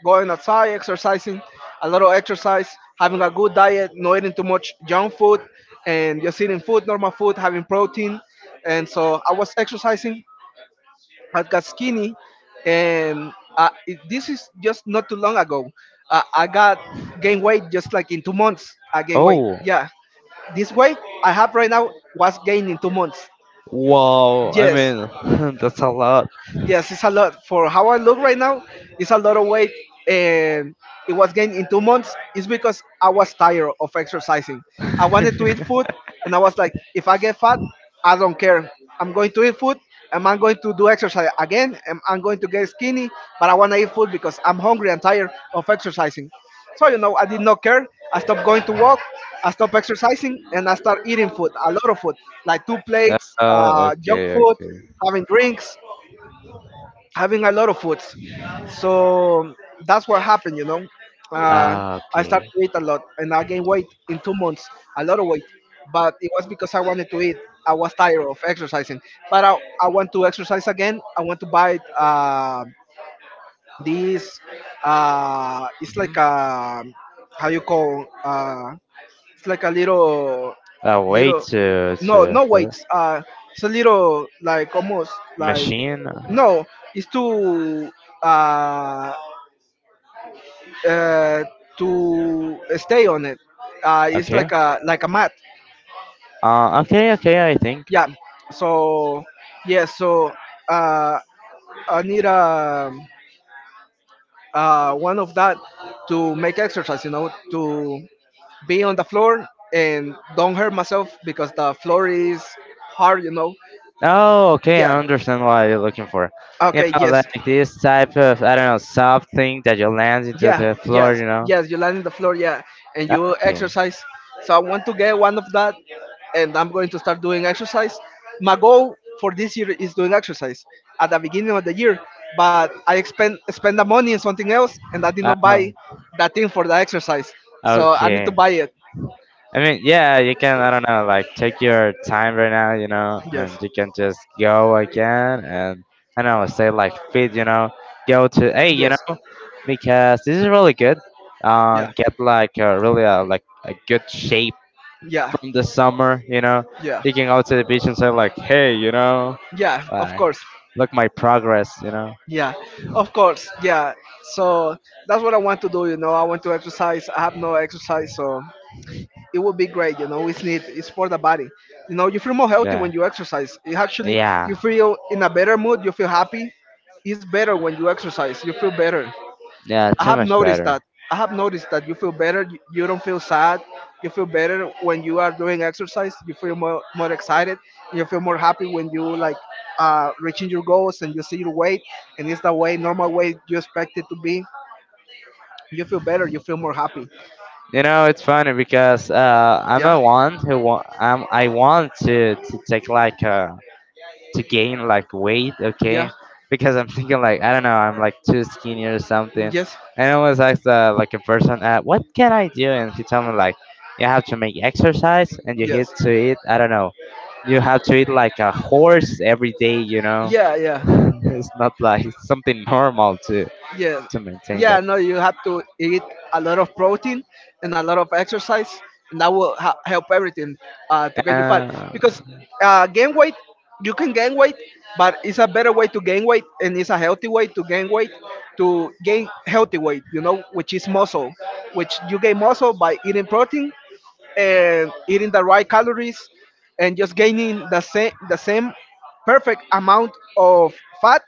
Speaker 2: going outside, exercising, a lot of exercise, having a good diet, not eating too much junk food, and just eating food, normal food, having protein. And so I was exercising. I got skinny, and this is just not too long ago. I got gain weight just like in 2 months. I gain weight.
Speaker 1: Oh.
Speaker 2: Yeah, this weight I have right now was gained in 2 months.
Speaker 1: Wow. I
Speaker 2: Yes,
Speaker 1: mean, (laughs) that's a lot.
Speaker 2: yes, it's a lot for how I look right now. It's a lot of weight, and it was gained in 2 months. It's because I was tired of exercising.
Speaker 1: (laughs)
Speaker 2: I wanted to eat food, and I was like, if I get fat, I don't care. I'm going to eat food. And I'm going to do exercise again. And I'm going to get skinny, but I want to eat food because I'm hungry and tired of exercising. So I did not care. I stopped going to walk. I stopped exercising, and I start eating food, a lot of food, like two plates,
Speaker 1: oh,
Speaker 2: junk
Speaker 1: okay,
Speaker 2: food,
Speaker 1: okay.
Speaker 2: having drinks having a lot of foods. So that's what happened. Uh,
Speaker 1: Ah,
Speaker 2: I
Speaker 1: okay.
Speaker 2: started to eat a lot and I gained weight in 2 months, a lot of weight. But it was because I wanted to eat. I was tired of exercising. But I want to exercise again. I want to buy this, it's like
Speaker 1: Mhm.
Speaker 2: a, how you call, it's like a little,
Speaker 1: A way
Speaker 2: little,
Speaker 1: to
Speaker 2: no, no
Speaker 1: fill-
Speaker 2: weights. It's a little like almost like
Speaker 1: machine.
Speaker 2: no, it's uh, uh to stay on it. It's
Speaker 1: Okay.
Speaker 2: like a mat.
Speaker 1: Okay, okay, I think.
Speaker 2: Yeah. So yeah. So uh, I need a one of that to make exercise. To be on the floor and don't hurt myself because the floor is hard.
Speaker 1: Oh, okay,
Speaker 2: Yeah.
Speaker 1: I understand what you're looking for. You
Speaker 2: Okay,
Speaker 1: know,
Speaker 2: yes.
Speaker 1: like this type of, I don't know, soft thing that you land into
Speaker 2: Yeah,
Speaker 1: the floor,
Speaker 2: yes,
Speaker 1: you know?
Speaker 2: yes, you land in the floor, yeah, and you
Speaker 1: Okay.
Speaker 2: exercise. So I want to get one of that, and I'm going to start doing exercise. My goal for this year is doing exercise at the beginning of the year, but I expend spend the money on something else, and I did not
Speaker 1: Oh,
Speaker 2: buy that thing for the exercise. So I need to
Speaker 1: okay.
Speaker 2: buy it.
Speaker 1: I mean, yeah, you can, I don't know, like take your time right now, you know,
Speaker 2: Yes,
Speaker 1: and you can just go again and, I don't know, stay like fit, you know, go to, hey, you
Speaker 2: yes,
Speaker 1: know, because this is really good.
Speaker 2: yeah,
Speaker 1: Get like a really like a good shape
Speaker 2: yeah,
Speaker 1: from the summer, you know,
Speaker 2: yeah,
Speaker 1: they can go to the beach and say like, hey, you know,
Speaker 2: yeah. Of
Speaker 1: like
Speaker 2: course.
Speaker 1: look my progress, you know.
Speaker 2: Yeah, of course. Yeah. So that's what I want to do. I want to exercise. I have no exercise, so it would be great. It's for the body. You feel more healthy
Speaker 1: Yeah,
Speaker 2: when you exercise. You
Speaker 1: yeah,
Speaker 2: feel in a better mood. You feel happy. It's better when you exercise. You feel better.
Speaker 1: yeah,
Speaker 2: I
Speaker 1: too
Speaker 2: have
Speaker 1: much
Speaker 2: noticed
Speaker 1: better.
Speaker 2: that. I have noticed that you feel better. You don't feel sad. You feel better when you are doing exercise. You feel more excited. You feel more happy when you like reaching your goals and you see your weight and it's the way normal weight you expect it to be. You feel better. You feel more happy.
Speaker 1: You know, it's funny because I'm
Speaker 2: Yeah,
Speaker 1: a one who I'm, I want to take like a to gain like weight, okay?
Speaker 2: yeah,
Speaker 1: Because I'm thinking like I don't know, I'm like too skinny or something.
Speaker 2: yes,
Speaker 1: And I always ask like a person, what can I do? And he told me like you have to make exercise and you hit
Speaker 2: yes,
Speaker 1: to eat. I don't know. You have to eat like a horse every day, you know.
Speaker 2: yeah,
Speaker 1: (laughs)
Speaker 2: yeah.
Speaker 1: It's not like something normal to
Speaker 2: Yeah,
Speaker 1: to maintain
Speaker 2: yeah,
Speaker 1: that.
Speaker 2: no, you have to eat a lot of protein and a lot of exercise and that will help everything to get you fat
Speaker 1: Uh,
Speaker 2: because gain weight you can gain weight but it's a better way to gain weight and it's a healthy way to gain weight to gain healthy weight which is muscle, which you gain muscle by eating protein and eating the right calories and just gaining the same perfect amount of fat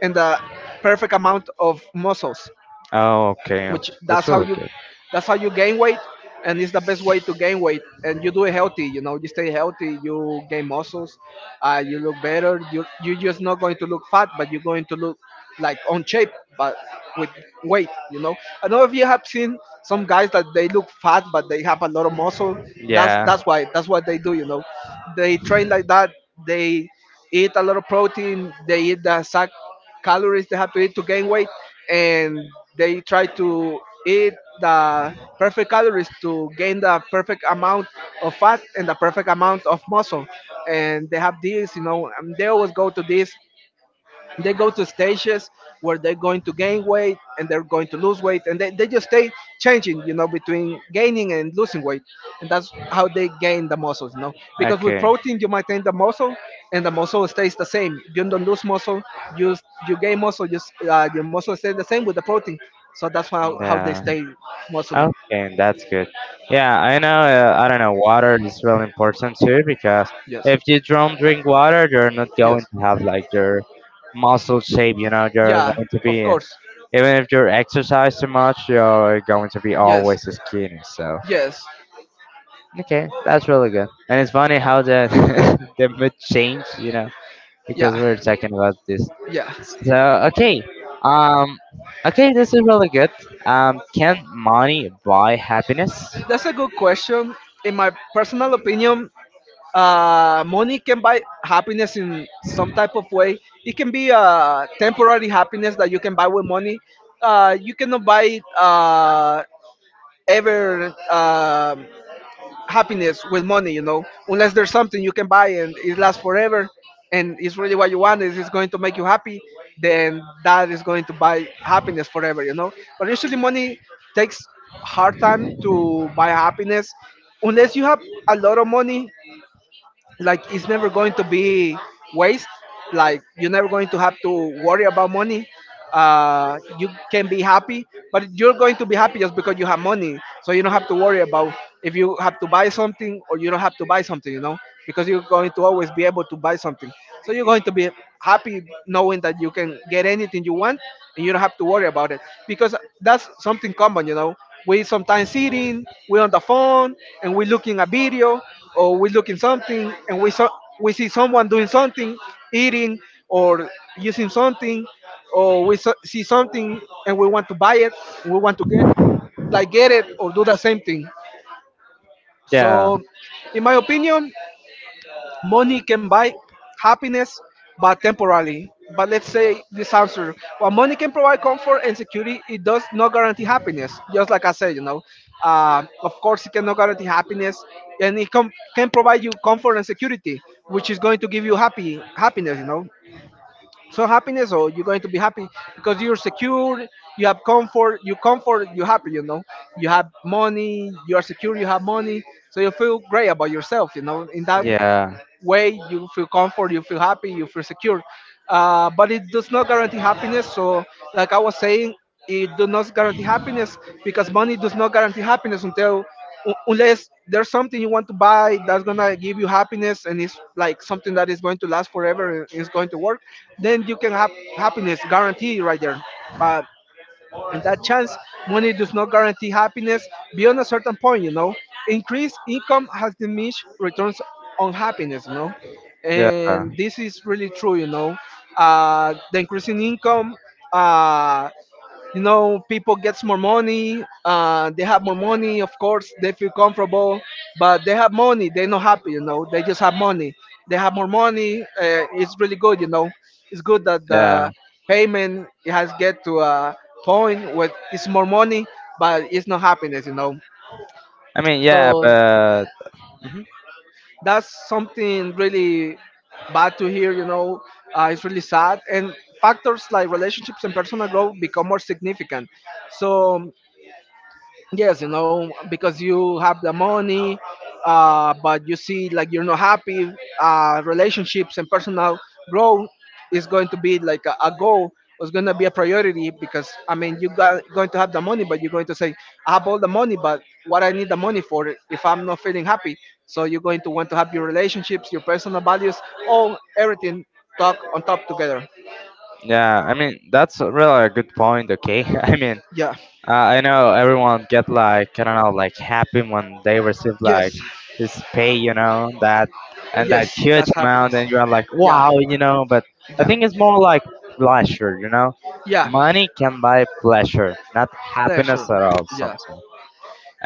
Speaker 2: and the perfect amount of muscles,
Speaker 1: oh, okay,
Speaker 2: which
Speaker 1: that's really good.
Speaker 2: that's how you gain weight. And it's the best way to gain weight and you do it healthy, you stay healthy, you gain muscles. You look better, you're just not going to look fat but you're going to look like on shape, but with weight. I know if you have seen some guys that they look fat but they have a lot of muscle.
Speaker 1: Yeah.
Speaker 2: That's why that's what they do. They train like that. They eat a lot of protein. They eat the sac calories they have to eat to gain weight, and they try to eat the perfect calories to gain the perfect amount of fat and the perfect amount of muscle. And they have this, and they always go to this they go to stages where they're going to gain weight and they're going to lose weight, and they just stay changing between gaining and losing weight. And that's how they gain the muscles, because with
Speaker 1: Okay.
Speaker 2: protein you maintain the muscle, and the muscle stays the same. You don't lose muscle. you you gain muscle. Just your muscle stays the same with the protein. So that's how they
Speaker 1: Yeah.
Speaker 2: stay muscly.
Speaker 1: Okay, that's good. Yeah, I know. I don't know. Water is really important too, because
Speaker 2: Yes,
Speaker 1: if you don't drink water, you're not
Speaker 2: yes,
Speaker 1: going to have like your muscle shape. You know, you're
Speaker 2: yeah,
Speaker 1: going to be,
Speaker 2: of course,
Speaker 1: even if you're exercise too much, you're going to be
Speaker 2: yes,
Speaker 1: always skinny. So
Speaker 2: yes,
Speaker 1: okay, that's really good. And it's funny how the (laughs) the mood changed. You know, because
Speaker 2: yeah,
Speaker 1: we are talking about this.
Speaker 2: yeah.
Speaker 1: So okay, um, okay, this is really good. Can money buy happiness?
Speaker 2: That's a good question. In my personal opinion, money can buy happiness in some type of way. It can be a temporary happiness that you can buy with money. You cannot buy ever happiness with money, unless there's something you can buy and it lasts forever and it's really what you want, is it's going to make you happy, then that is going to buy happiness forever. But usually money takes hard time to buy happiness unless you have a lot of money, like it's never going to be waste, like you're never going to have to worry about money. You can be happy but you're going to be happy just because you have money, so you don't have to worry about if you have to buy something or you don't have to buy something because you're going to always be able to buy something, so you're going to be happy knowing that you can get anything you want and you don't have to worry about it because that's something common. We sometimes sitting, we on the phone, and we looking a video or we look in something and we saw we see someone doing something, eating or using something, or we see something and we want to buy it, we want to get like get it or do the same thing.
Speaker 1: Yeah.
Speaker 2: So, in my opinion, money can buy happiness, but temporarily. But let's say this answer: while money can provide comfort and security, it does not guarantee happiness. Just like I said, of course, it cannot guarantee happiness, and it can provide you comfort and security, which is going to give you happy happiness. So happiness, or you're going to be happy because you're secure, you have comfort, you happy. You have money, you are secure, you have money, so you feel great about yourself. In that
Speaker 1: Yeah.
Speaker 2: way you feel comfort, you feel happy, you feel secure. But it does not guarantee happiness, so like I was saying, it does not guarantee happiness because money does not guarantee happiness until unless there's something you want to buy that's gonna give you happiness, and it's like something that is going to last forever and is going to work, then you can have happiness guarantee right there. But and that chance, money does not guarantee happiness beyond a certain point. Increased income has diminished returns on happiness.
Speaker 1: Yeah,
Speaker 2: And this is really true. The increasing income, uh, people gets more money. They have more money, of course. They feel comfortable but they have money, they're not happy, they just have money, they have more money. It's really good, it's good that
Speaker 1: yeah.
Speaker 2: the payment it has get to a point where it's more money but it's not happiness.
Speaker 1: I mean, yeah,
Speaker 2: So
Speaker 1: but mhm,
Speaker 2: that's something really bad to hear. It's really sad, and factors like relationships and personal growth become more significant. So yes, because you have the money, but you see like you're not happy. Relationships and personal growth is going to be like a goal. It's going to be a priority because I mean you got going to have the money, but you're going to say I have all the money, but what I need the money for if I'm not feeling happy. So you're going to want to have your relationships, your personal values, all everything talk on top together.
Speaker 1: yeah. I mean, that's really a good point. Okay. (laughs) I mean,
Speaker 2: Yeah.
Speaker 1: I know everyone get like, I don't know, like happy when they receive like
Speaker 2: Yes.
Speaker 1: this pay, you know, that and that
Speaker 2: Yes.
Speaker 1: huge
Speaker 2: That's happiness.
Speaker 1: amount, and you're like
Speaker 2: Yeah.
Speaker 1: wow, you know. But I
Speaker 2: Yeah.
Speaker 1: think it's more like pleasure, you know.
Speaker 2: Yeah.
Speaker 1: Money can buy pleasure, not happiness
Speaker 2: Pleasure.
Speaker 1: at all.
Speaker 2: Yeah.
Speaker 1: Sometimes.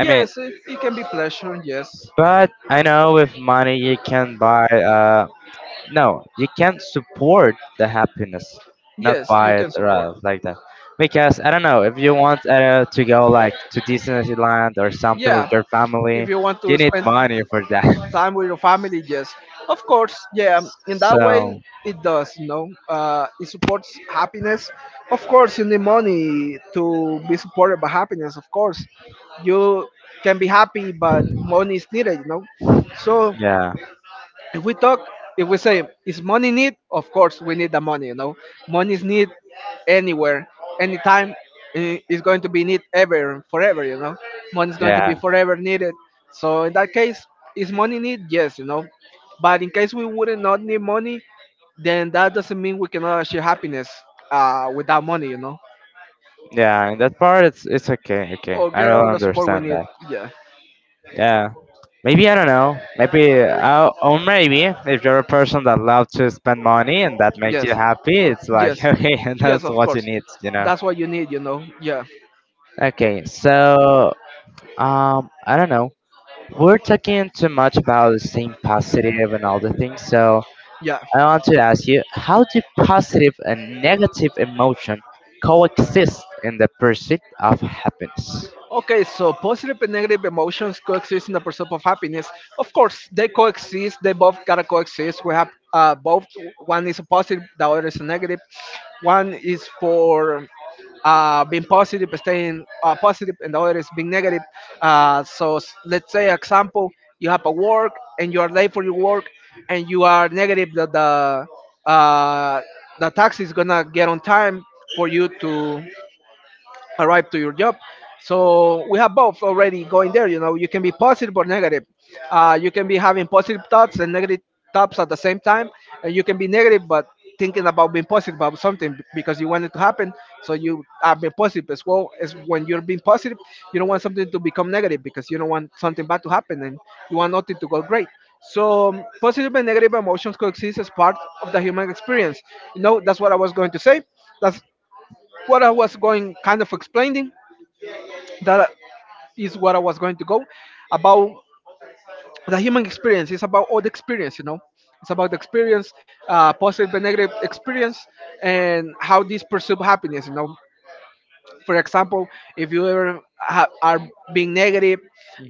Speaker 1: I mean,
Speaker 2: it can be pleasure. Yes.
Speaker 1: but I know with money you can buy. No, you can't support the happiness, not
Speaker 2: Yes, you
Speaker 1: buy it
Speaker 2: can
Speaker 1: or
Speaker 2: support.
Speaker 1: like that. Because I don't know, if you want to go like to Disneyland or something with
Speaker 2: Yeah.
Speaker 1: your
Speaker 2: If
Speaker 1: family,
Speaker 2: you want
Speaker 1: you
Speaker 2: to
Speaker 1: need
Speaker 2: spend
Speaker 1: money for that. (laughs)
Speaker 2: time with your family, yes, of course. Yeah, in that way
Speaker 1: So
Speaker 2: it does, you know, it supports happiness. Of course you need money to be supported by happiness. Of course you can be happy, but money is needed, you know. So
Speaker 1: yeah,
Speaker 2: if we talk, if we say is money need, of course we need the money, you know. Money is need anywhere, anytime. Is going to be need ever forever, you know. Money is going to
Speaker 1: yeah,
Speaker 2: be forever needed. So in that case, is money need, yes, you know. But in case we wouldn't not need money, then that doesn't mean we cannot achieve happiness without money, you know.
Speaker 1: yeah. In that part, it's okay, okay.
Speaker 2: Or
Speaker 1: I
Speaker 2: get all
Speaker 1: really
Speaker 2: the support we
Speaker 1: understand
Speaker 2: need.
Speaker 1: that.
Speaker 2: Yeah.
Speaker 1: Yeah. Maybe I don't know. Maybe or maybe if you're a person that loves to spend money and that makes
Speaker 2: Yes.
Speaker 1: you happy, it's like
Speaker 2: Yes.
Speaker 1: (laughs) okay, that's
Speaker 2: Yes, of
Speaker 1: what you
Speaker 2: course.
Speaker 1: need, you know.
Speaker 2: That's what you need, you know. Yeah.
Speaker 1: Okay, so I don't know. We're talking too much about staying positive and all the things, so
Speaker 2: Yeah.
Speaker 1: I want to ask you, how do positive and negative emotion coexist in the pursuit of happiness?
Speaker 2: Okay, so positive and negative emotions coexist in the pursuit of happiness. Of course, they coexist. They both gotta coexist. We have both. One is a positive, the other is a negative. One is for being positive, staying positive, and the other is being negative. So let's say, example, you have a work and you are late for your work, and you are negative that uh, the taxi is gonna get on time for you to arrive to your job. So we have both already going there. You know, you can be positive or negative. You can be having positive thoughts and negative thoughts at the same time, and you can be negative but thinking about being positive about something because you want it to happen. So you are being positive as well as when you're being positive, you don't want something to become negative because you don't want something bad to happen and you want nothing to go great. So positive and negative emotions coexist as part of the human experience. You know, that's what I was going to say. That's what I was going kind of explaining that is what I was going to go about the human experience. It's about all the experience, you know. It's about the experience, positive and negative experience, and how this pursue happiness. You know, for example, if you ever are being negative,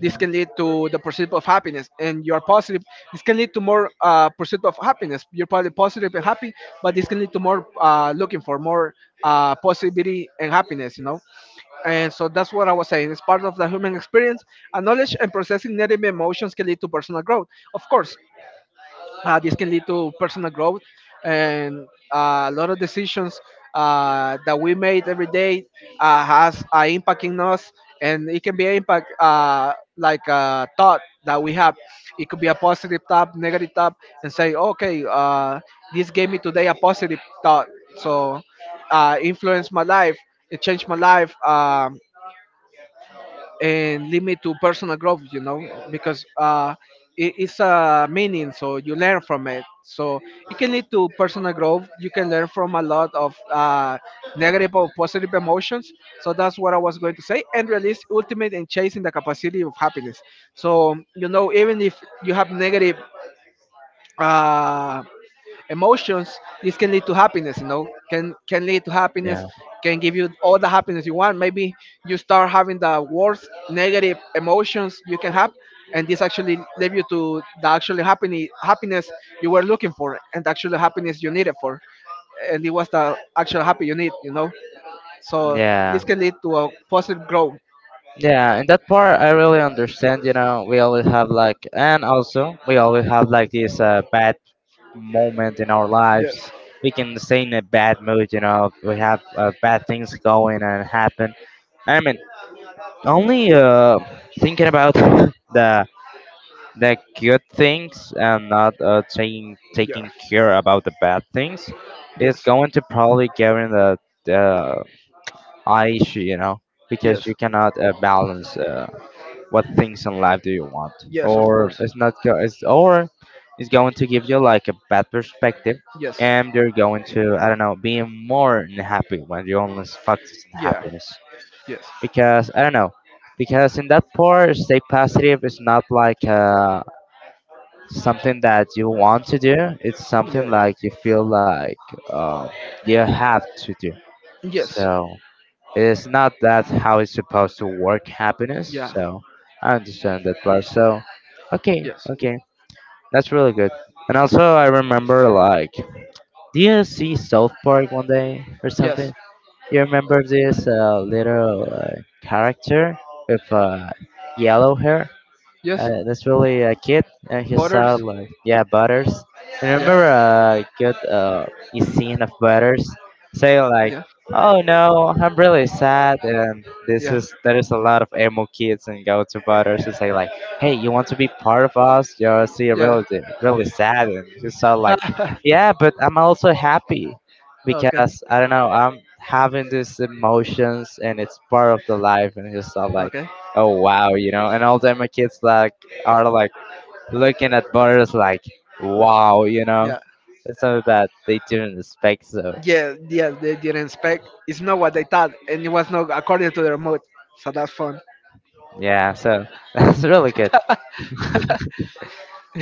Speaker 2: this can lead to the pursuit of happiness, and you are positive. This can lead to more pursuit of happiness. You're probably positive and happy, but this can lead to more looking for more possibility and happiness. You know, and so that's what I was saying. It's part of the human experience. And knowledge and processing negative emotions can lead to personal growth. Of course, this can lead to personal growth and a lot of decisions that we made every day has an impact in us, and it can be an impact like a thought that we have. It could be a positive thought, negative thought, and say, okay, this gave me today a positive thought, so influenced my life, it changed my life. And lead me to personal growth, you know, because it's a meaning, so you learn from it, so it can lead to personal growth. You can learn from a lot of negative or positive emotions, so that's what I was going to say, and release ultimate and chasing the capacity of happiness. So you know, even if you have negative uh, emotions, this can lead to happiness. You know, can lead to happiness,
Speaker 1: Yeah.
Speaker 2: can give you all the happiness you want. Maybe you start having the worst negative emotions you can have, and this actually lead you to the actual happiness you were looking for, and the actual happiness you needed for, and it was the actual happy you need, you know. So
Speaker 1: Yeah.
Speaker 2: this can lead to a positive growth.
Speaker 1: Yeah, in that part I really understand, you know, we always have like, and also we always have like this bad moment in our lives.
Speaker 2: Yes.
Speaker 1: We can stay in a bad mood, you know, we have bad things going and happen. I mean, only thinking about (laughs) the the good things, and not taking
Speaker 2: Yeah.
Speaker 1: taking care about the bad things is
Speaker 2: Yes.
Speaker 1: going to probably get in the eye issue, you know, because
Speaker 2: Yes.
Speaker 1: you cannot balance what things in life do you want,
Speaker 2: Yes, of
Speaker 1: or
Speaker 2: course.
Speaker 1: it's not go- it's, or it's going to give you like a bad perspective,
Speaker 2: Yes.
Speaker 1: and you're going to, I don't know, being more unhappy when you only focus on
Speaker 2: Yeah.
Speaker 1: happiness,
Speaker 2: Yes.
Speaker 1: because I don't know, because in that part stay positive is not like something that you want to do, it's something
Speaker 2: Yeah.
Speaker 1: like you feel like um you have to do,
Speaker 2: Yes.
Speaker 1: so it's not that how it's supposed to work happiness.
Speaker 2: Yeah.
Speaker 1: So I understand that part. So okay,
Speaker 2: Yes.
Speaker 1: okay, that's really good. And also I remember like, do you see South Park one day or something?
Speaker 2: Yes.
Speaker 1: You remember this little character with yellow hair?
Speaker 2: Yes.
Speaker 1: That's really a kid, and he saw
Speaker 2: Borders.
Speaker 1: like yeah Butters. I
Speaker 2: Yeah.
Speaker 1: remember a good scene of Butters saying like,
Speaker 2: Yeah.
Speaker 1: "Oh no, I'm really sad," and this
Speaker 2: Yeah.
Speaker 1: is there is a lot of emo kids and go to Butters and say like, "Hey, you want to be part of us? You're see you're
Speaker 2: Yeah.
Speaker 1: really really sad," and he saw like,
Speaker 2: (laughs)
Speaker 1: "Yeah, but I'm also happy
Speaker 2: Okay.
Speaker 1: because I don't know I'm." Having these emotions and it's part of the life, and he saw like,
Speaker 2: Okay.
Speaker 1: oh wow, you know, and all them kids like are like looking at borders like wow, you know.
Speaker 2: Yeah.
Speaker 1: It's something that they didn't expect. So
Speaker 2: Yeah. Yeah. They didn't expect. It's not what they thought, and it was not according to their mood. So that's fun.
Speaker 1: yeah, so (laughs) that's really good.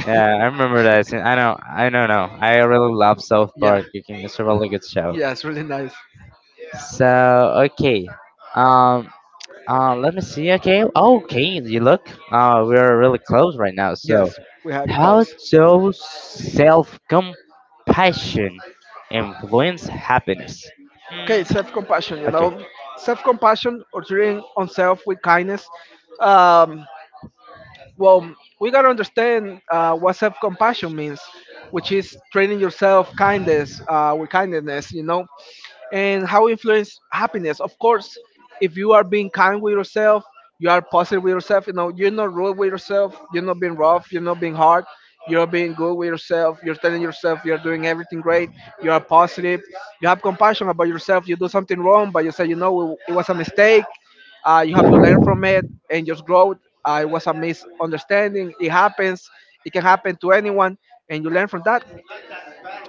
Speaker 1: Yeah, I remember that scene. I know, I don't know. No, I really love South
Speaker 2: Yeah.
Speaker 1: Park. You can, it's a really good show.
Speaker 2: Yeah. It's really nice.
Speaker 1: So okay. Um let me see. Okay. Okay, you look. We're really close right now. So,
Speaker 2: Yes. We had
Speaker 1: how
Speaker 2: close.
Speaker 1: does self-compassion influence happiness?
Speaker 2: Okay.
Speaker 1: Mm,
Speaker 2: Self-compassion. You
Speaker 1: okay.
Speaker 2: know, self-compassion or treating oneself with kindness. Um, well, we gotta understand what self-compassion means, which is treating yourself kindness with kindness, you know, and how influence happiness. Of course, if you are being kind with yourself, you are positive with yourself. You know, you're not rude with yourself. You're not being rough. You're not being hard. You're being good with yourself. You're telling yourself you're doing everything great. You are positive. You have compassion about yourself. You do something wrong, but you say, you know, it was a mistake you have to learn from it and just grow. It was a misunderstanding. It happens. It can happen to anyone, and you learn from that,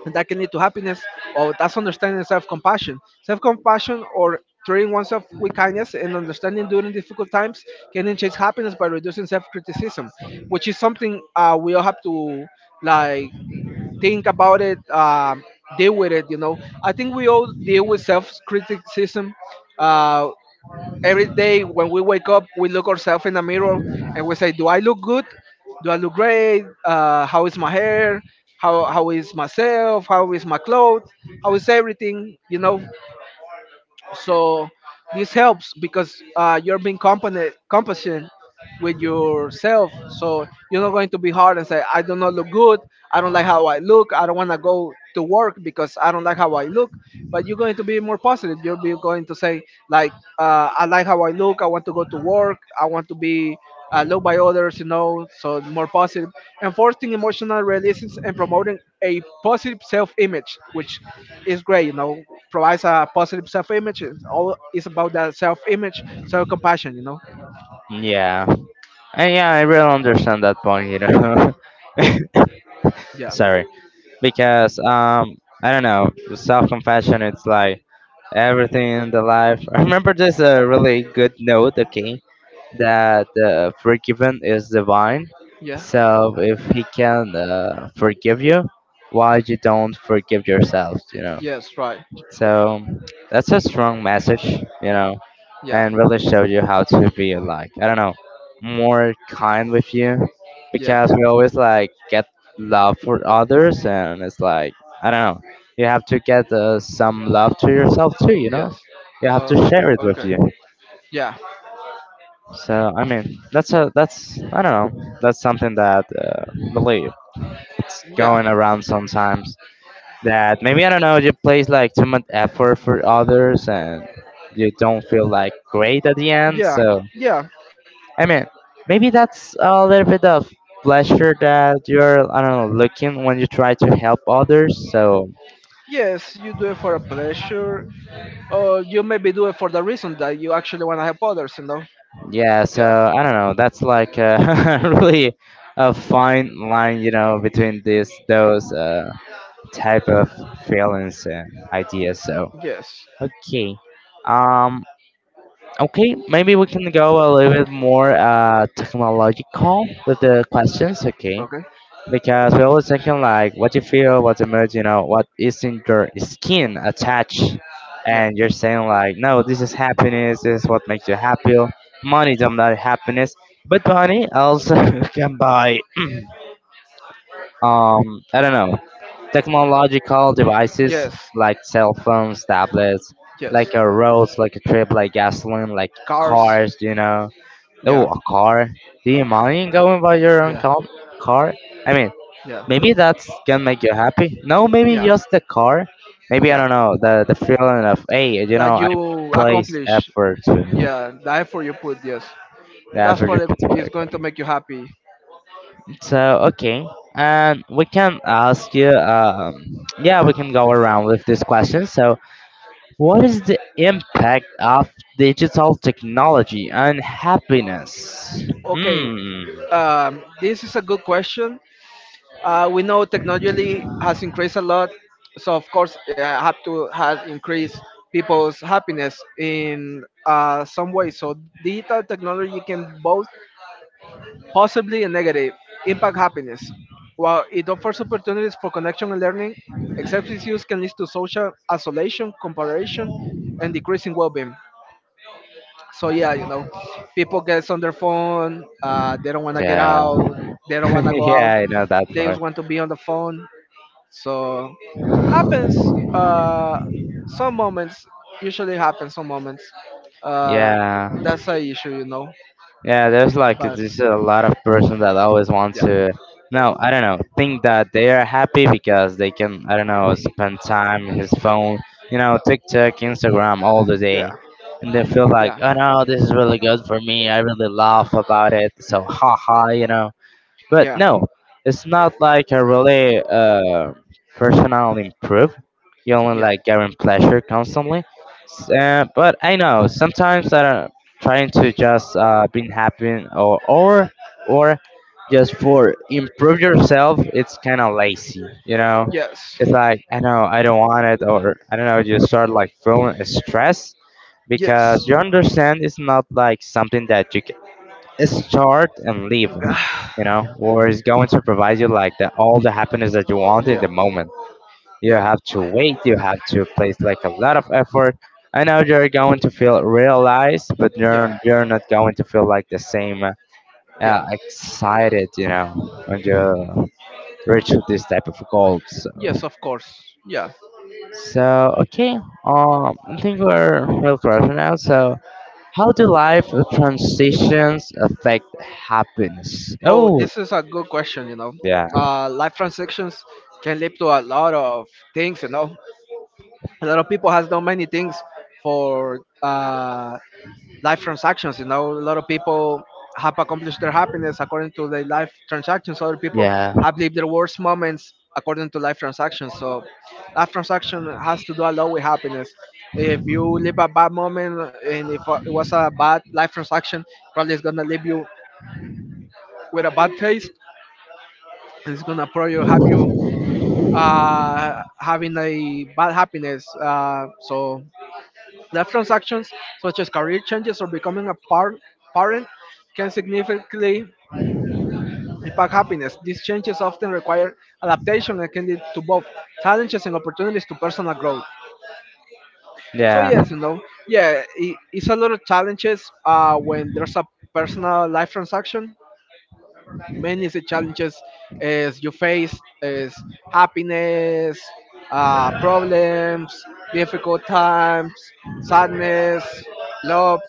Speaker 2: and that can lead to happiness. Or that's understanding self-compassion. Self-compassion or treating oneself with kindness and understanding during difficult times can enhance happiness by reducing self-criticism, which is something we all have to like think about it, deal with it. You know, I think we all deal with self-criticism. Uh, every day when we wake up, we look ourselves in the mirror and we say, "Do I look good? Do I look great? How is my hair? How is myself? How is my clothes? How is everything?" You know, so this helps because you're being compassionate with yourself, so you're not going to be hard and say I do not look good, I don't like how I look, I don't want to go to work because I don't like how I look. But you're going to be more positive, you're be going to say like I like how I look, I want to go to work, I want to be loved by others, you know, so more positive, enforcing emotional releases and promoting a positive self-image, which is great, you know, provides a positive self-image. It's all is about that self-image, self-compassion, you know.
Speaker 1: Yeah. And yeah, I really understand that point, you know. (laughs)
Speaker 2: Yeah.
Speaker 1: Sorry. Because I don't know, self-compassion it's like everything in the life. I remember there's a really good note, okay, that forgiven is divine.
Speaker 2: Yeah.
Speaker 1: So if he can forgive you, why you don't forgive yourself, you know?
Speaker 2: Yes, right.
Speaker 1: So that's a strong message, you know,
Speaker 2: Yeah.
Speaker 1: and really showed you how to be like, I don't know, more kind with you,
Speaker 2: Yeah.
Speaker 1: because we always like get love for others, and it's like, I don't know, you have to get some love to yourself too, you know,
Speaker 2: Yes.
Speaker 1: you have
Speaker 2: Oh,
Speaker 1: to share it with
Speaker 2: okay.
Speaker 1: you.
Speaker 2: Yeah.
Speaker 1: So I mean, that's I don't know, that's something that really it's
Speaker 2: Yeah.
Speaker 1: going around sometimes, that maybe I don't know, you place like too much effort for others and you don't feel like great at the end.
Speaker 2: Yeah.
Speaker 1: So
Speaker 2: Yeah.
Speaker 1: I mean, maybe that's a little bit of pleasure that you're, I don't know, looking when you try to help others. So
Speaker 2: Yes, you do it for a pleasure, or you maybe do it for the reason that you actually want to help others, you know.
Speaker 1: yeah, so
Speaker 2: Yeah.
Speaker 1: I don't know, that's like a (laughs) really a fine line, you know, between this those type of feelings and ideas. So
Speaker 2: Yes.
Speaker 1: okay. Um, Okay, maybe we can go a little bit more technological with the questions, okay?
Speaker 2: Okay.
Speaker 1: Because we're always thinking like what you feel, what's emerging, you know, what is in your skin attached,
Speaker 2: Yeah.
Speaker 1: and you're saying like, no, this is happiness, this is what makes you happy. Money does not happiness, but money also (laughs) can buy (clears throat) I don't know, technological devices
Speaker 2: Yes.
Speaker 1: like cell phones, tablets,
Speaker 2: Yes.
Speaker 1: like a roads, like a trip, like gasoline, like
Speaker 2: Cars.
Speaker 1: cars, you know. Oh,
Speaker 2: Yeah.
Speaker 1: a car. Do you mind going by your own
Speaker 2: Yeah.
Speaker 1: car? I mean,
Speaker 2: Yeah.
Speaker 1: maybe that's can make you happy. No, maybe
Speaker 2: Yeah.
Speaker 1: just the car. Maybe I
Speaker 2: Yeah.
Speaker 1: don't know the feeling of hey, you know,
Speaker 2: That
Speaker 1: I
Speaker 2: you
Speaker 1: place
Speaker 2: accomplish.
Speaker 1: effort to
Speaker 2: Yeah. The effort you put. Yes.
Speaker 1: the
Speaker 2: That's
Speaker 1: effort you
Speaker 2: probably
Speaker 1: put to buy
Speaker 2: is
Speaker 1: a
Speaker 2: going to
Speaker 1: car.
Speaker 2: make you happy.
Speaker 1: So okay, and we can ask you. Yeah, we can go around with this question. So, what is the impact of digital technology on happiness?
Speaker 2: Okay.
Speaker 1: Hmm.
Speaker 2: This is a good question. We know technology has increased a lot, so of course, yeah, have to have increased people's happiness in some way. So digital technology can both possibly a negative, impact happiness. While it offers opportunities for connection and learning, excessive use can lead to social isolation, comparison, and decreasing well-being. So yeah, you know, people get on their phone. They don't want to get
Speaker 1: Yeah.
Speaker 2: out. They
Speaker 1: (laughs)
Speaker 2: don't want to go out.
Speaker 1: Yeah, I know that
Speaker 2: They just
Speaker 1: part.
Speaker 2: want to be on the phone. So happens. Uh, some moments usually happens. Some moments. Uh,
Speaker 1: Yeah,
Speaker 2: that's a issue, you know.
Speaker 1: yeah. There's like
Speaker 2: But
Speaker 1: there's a lot of person that always want
Speaker 2: yeah.
Speaker 1: to. No, I don't know. Think that they are happy because they can. I don't know. Spend time on his phone. You know, TikTok, Instagram, all the
Speaker 2: Yeah.
Speaker 1: day, and they feel like,
Speaker 2: Yeah.
Speaker 1: oh no, this is really good for me. I really laugh about it. So haha, you know. But
Speaker 2: Yeah.
Speaker 1: no, it's not like a really personal improve. You only
Speaker 2: Yeah.
Speaker 1: like getting pleasure constantly. But I know sometimes I'm trying to just being happy or or just for improve yourself. It's kind of lazy, you know.
Speaker 2: Yes.
Speaker 1: It's like I know I don't want it, or I don't know. You start like feeling stress
Speaker 2: Yes.
Speaker 1: because
Speaker 2: (sighs)
Speaker 1: you understand it's not like something that you can start and leave.
Speaker 2: Ah,
Speaker 1: You know, war is going to provide you like the, all the happiness that you want in
Speaker 2: yeah.
Speaker 1: the moment. You
Speaker 2: Yeah.
Speaker 1: have to wait. You have to place like a lot of effort. I know you're going to feel realized, but you're
Speaker 2: Yeah.
Speaker 1: you're not going to feel like the same
Speaker 2: Yeah.
Speaker 1: excited. You know, when you reach this type of goals. So,
Speaker 2: Yes, of course. Yeah.
Speaker 1: so okay. I think we're real close now. So. How do life transitions affect happiness?
Speaker 2: Oh,
Speaker 1: Oh,
Speaker 2: this is a good question, you know.
Speaker 1: yeah.
Speaker 2: Life transactions can lead to a lot of things, you know. A lot of people has done many things for life transactions. You know, a lot of people have accomplished their happiness according to their life transactions. Other people
Speaker 1: Yeah.
Speaker 2: have lived their worst moments according to life transactions. So life transaction has to do a lot with happiness. If you live a bad moment and if it was a bad life transaction, probably it's gonna leave you with a bad taste. And it's gonna probably have you uh, having a bad happiness. So life transactions such as career changes or becoming a parent can significantly impact happiness. These changes often require adaptation and can lead to both challenges and opportunities to personal growth. So
Speaker 1: Yeah,
Speaker 2: yes, you know, yeah, I it's a lot of challenges when there's a personal life transaction. Many is the challenges as you face is happiness, problems, difficult times, sadness, love,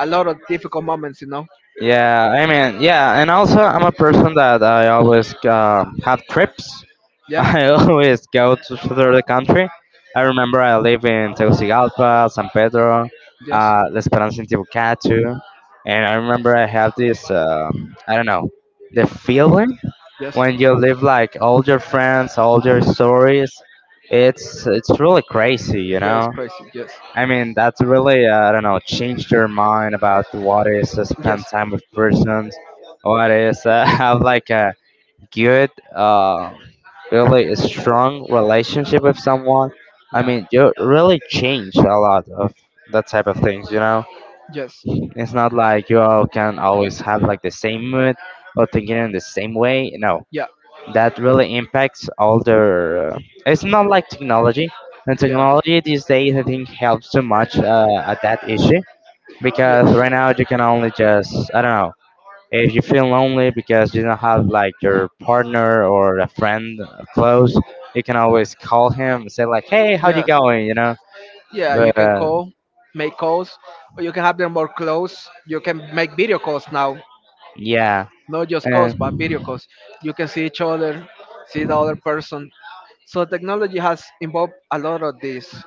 Speaker 2: a lot of difficult moments, you know.
Speaker 1: yeah. I mean, yeah, and also I'm a person that I always have trips. (laughs)
Speaker 2: Yeah.
Speaker 1: I always go to through the country. I remember I live in Tegucigalpa, San Pedro,
Speaker 2: Yes.
Speaker 1: La Esperanza in Tibucatu, and I remember I have this. I don't know the feeling
Speaker 2: Yes.
Speaker 1: when you live like all your friends, all your stories. It's really crazy, you
Speaker 2: Yeah, it's
Speaker 1: know.
Speaker 2: crazy. Yes.
Speaker 1: I mean, that's really, I don't know, changed your mind about what is spend
Speaker 2: Yes.
Speaker 1: time with persons, what is (laughs) have like a good, really a strong relationship with someone. I
Speaker 2: Yeah.
Speaker 1: mean, you really change a lot of that type of things, you know?
Speaker 2: Yes.
Speaker 1: It's not like you all can always have like the same mood or thinking in the same way. No,
Speaker 2: Yeah.
Speaker 1: that really impacts all their. It's not like technology. And
Speaker 2: Yeah.
Speaker 1: technology these days, I think, helps too much at that issue,
Speaker 2: Yes.
Speaker 1: because right now you can only just, I don't know, if you feel lonely because you don't have like your partner or a friend close, you can always call him and say like, "Hey, how you
Speaker 2: Yes.
Speaker 1: going?" You know,
Speaker 2: Yeah, you
Speaker 1: but
Speaker 2: can call, make calls, or you can have them more close. You can make video calls now,
Speaker 1: yeah,
Speaker 2: not just calls
Speaker 1: and
Speaker 2: but video calls. You can see each other, see the other person. So technology has involved a lot of this.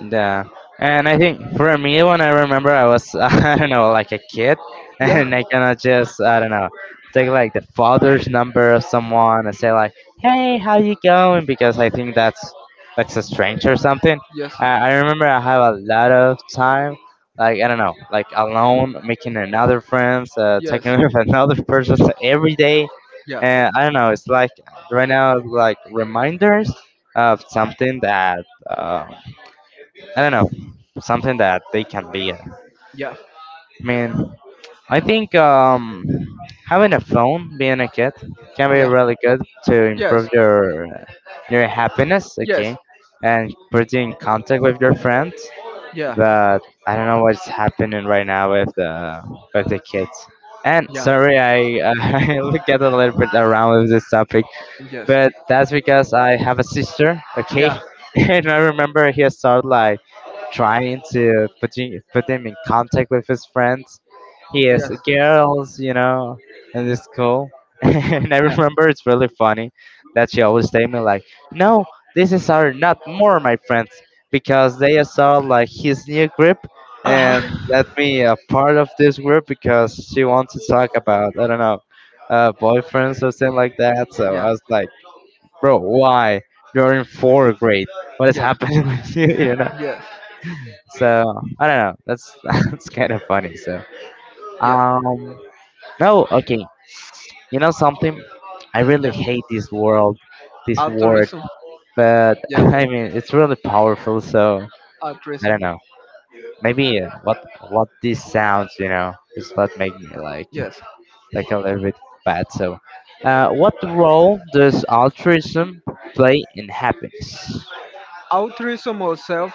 Speaker 1: yeah, and I think for me, when I remember, I was (laughs) I don't know, like a kid, (laughs)
Speaker 2: Yeah.
Speaker 1: and I cannot just, I don't know, take like the father's number of someone and say like, "Hey, how you going?" Because I think that's a strange or something.
Speaker 2: Yes.
Speaker 1: I remember I have a lot of time, like I don't know, like alone, making another friends, talking
Speaker 2: Yes.
Speaker 1: (laughs) with another person every day,
Speaker 2: Yeah.
Speaker 1: and I don't know. It's like right now, like reminders of something that. Uh, I don't know, something that they can be. I
Speaker 2: Yeah.
Speaker 1: mean, I think having a phone, being a kid, can be
Speaker 2: Yeah.
Speaker 1: really good to
Speaker 2: Yes.
Speaker 1: improve your happiness.
Speaker 2: Yes.
Speaker 1: Okay, and put you in contact with your friends.
Speaker 2: Yeah.
Speaker 1: But I don't know what's happening right now with the kids. And
Speaker 2: Yeah.
Speaker 1: sorry, I (laughs) I look at a little bit around with this topic,
Speaker 2: Yes.
Speaker 1: but that's because I have a sister, okay?
Speaker 2: Yeah.
Speaker 1: (laughs) And I remember he started like trying to put him in contact with his friends. He
Speaker 2: Yes.
Speaker 1: has girls, you know, in the school. (laughs) And I
Speaker 2: Yeah.
Speaker 1: remember it's really funny that she always tell me like, "No, this is our not more my friends because they saw like his new group."
Speaker 2: Uh-huh.
Speaker 1: And let me a part of this group because she wants to talk about I don't know boyfriends or something like that. So
Speaker 2: Yeah.
Speaker 1: I was like, bro, why? You're in fourth grade. What is
Speaker 2: Yeah.
Speaker 1: happening (laughs) with you? You know.
Speaker 2: Yes.
Speaker 1: So I don't know. That's (laughs) that's kind of funny. So
Speaker 2: Yeah.
Speaker 1: um, no, okay. You know something? I really
Speaker 2: Yeah.
Speaker 1: hate this word.
Speaker 2: Altruism.
Speaker 1: But (laughs)
Speaker 2: Yeah.
Speaker 1: I mean, it's really powerful. So I
Speaker 2: Altruism.
Speaker 1: don't know. Maybe what this sounds, you know, is what make me
Speaker 2: Yes.
Speaker 1: like a little bit bad. So, what role does altruism play in happiness?
Speaker 2: Altruism or self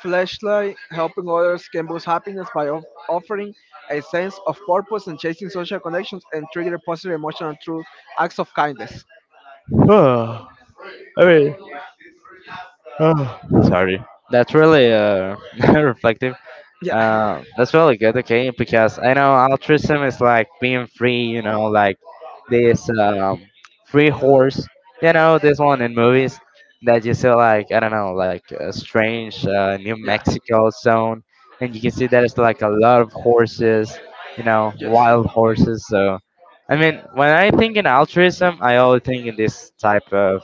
Speaker 2: Flashlight, helping others can boost happiness by offering a sense of purpose and chasing social connections and trigger positive emotional through acts of kindness.
Speaker 1: (sighs) I mean, oh, sorry. That's really (laughs) reflective.
Speaker 2: Yeah.
Speaker 1: That's really good, okay? Because I know altruism is like being free, you know, like this free horse, you know, this one in movies that you see, like, I don't know, like a strange New
Speaker 2: Yeah.
Speaker 1: Mexico zone. And you can see there's like a lot of horses, you know,
Speaker 2: Yes.
Speaker 1: wild horses. So, I mean, when I think in altruism, I always think in this type of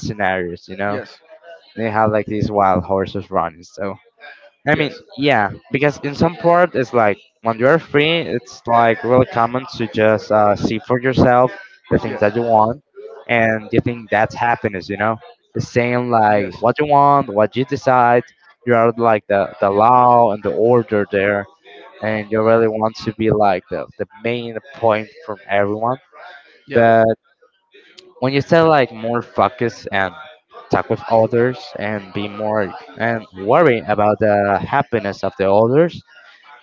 Speaker 1: scenarios, you know?
Speaker 2: Yes.
Speaker 1: They have like these wild horses running. So I mean,
Speaker 2: Yes.
Speaker 1: yeah, because in some part it's like when you're free, it's like really common to just see for yourself the things
Speaker 2: Yes.
Speaker 1: that you want, and you think that's happiness. You know, the same like
Speaker 2: Yes.
Speaker 1: what you want, what you decide. You are like the law and the order there, and you really want to be like the main point from everyone.
Speaker 2: Yeah.
Speaker 1: But when you say like more focus and talk with others and be more and worry about the happiness of the others,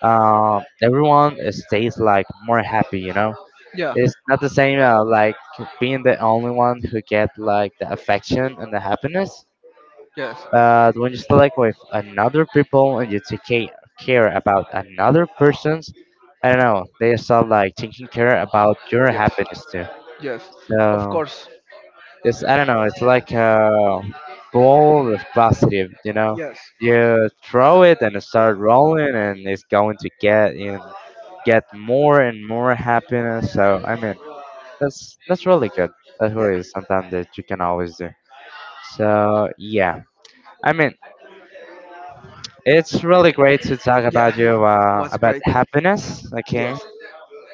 Speaker 1: everyone stays like more happy, you know,
Speaker 2: Yeah.
Speaker 1: it's not the same like being the only one who get like the affection and the happiness,
Speaker 2: Yes.
Speaker 1: but when you stay like with another people and you care about another person's, I don't know, they start like taking care about your
Speaker 2: Yes.
Speaker 1: happiness too.
Speaker 2: Yes, of
Speaker 1: So
Speaker 2: course.
Speaker 1: it's I don't know. It's like a ball of positive. You know,
Speaker 2: Yes.
Speaker 1: you throw it and it start rolling, and it's going to get more and more happiness. So I mean, that's really good. That's
Speaker 2: Yeah.
Speaker 1: really something that you can always do. So yeah, I mean, it's really great to talk
Speaker 2: Yeah,
Speaker 1: about you
Speaker 2: was
Speaker 1: about
Speaker 2: great.
Speaker 1: happiness. Okay,
Speaker 2: Yes.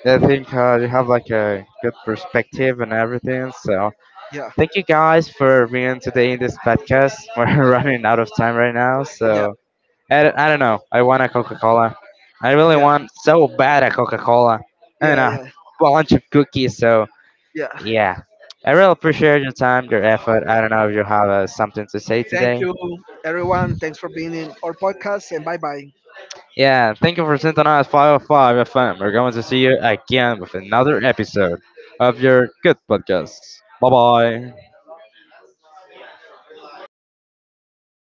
Speaker 1: I think you have like a good perspective and everything. So
Speaker 2: Yeah.
Speaker 1: thank you guys for being today in this podcast. (laughs) We're running out of time right now,
Speaker 2: Yeah.
Speaker 1: so I don't know. I want a Coca Cola. I really
Speaker 2: Yeah.
Speaker 1: want so bad a Coca Cola and
Speaker 2: Yeah.
Speaker 1: a
Speaker 2: Yeah.
Speaker 1: bunch of cookies. So
Speaker 2: Yeah.
Speaker 1: yeah, I really appreciate your time, your effort. I don't know if you have something to say
Speaker 2: Thank
Speaker 1: today.
Speaker 2: you, everyone. Thanks for being in our podcast, and bye bye.
Speaker 1: Yeah, thank you for synthonized 505 FM. We're going to see you again with another episode of your good podcast. Bye bye.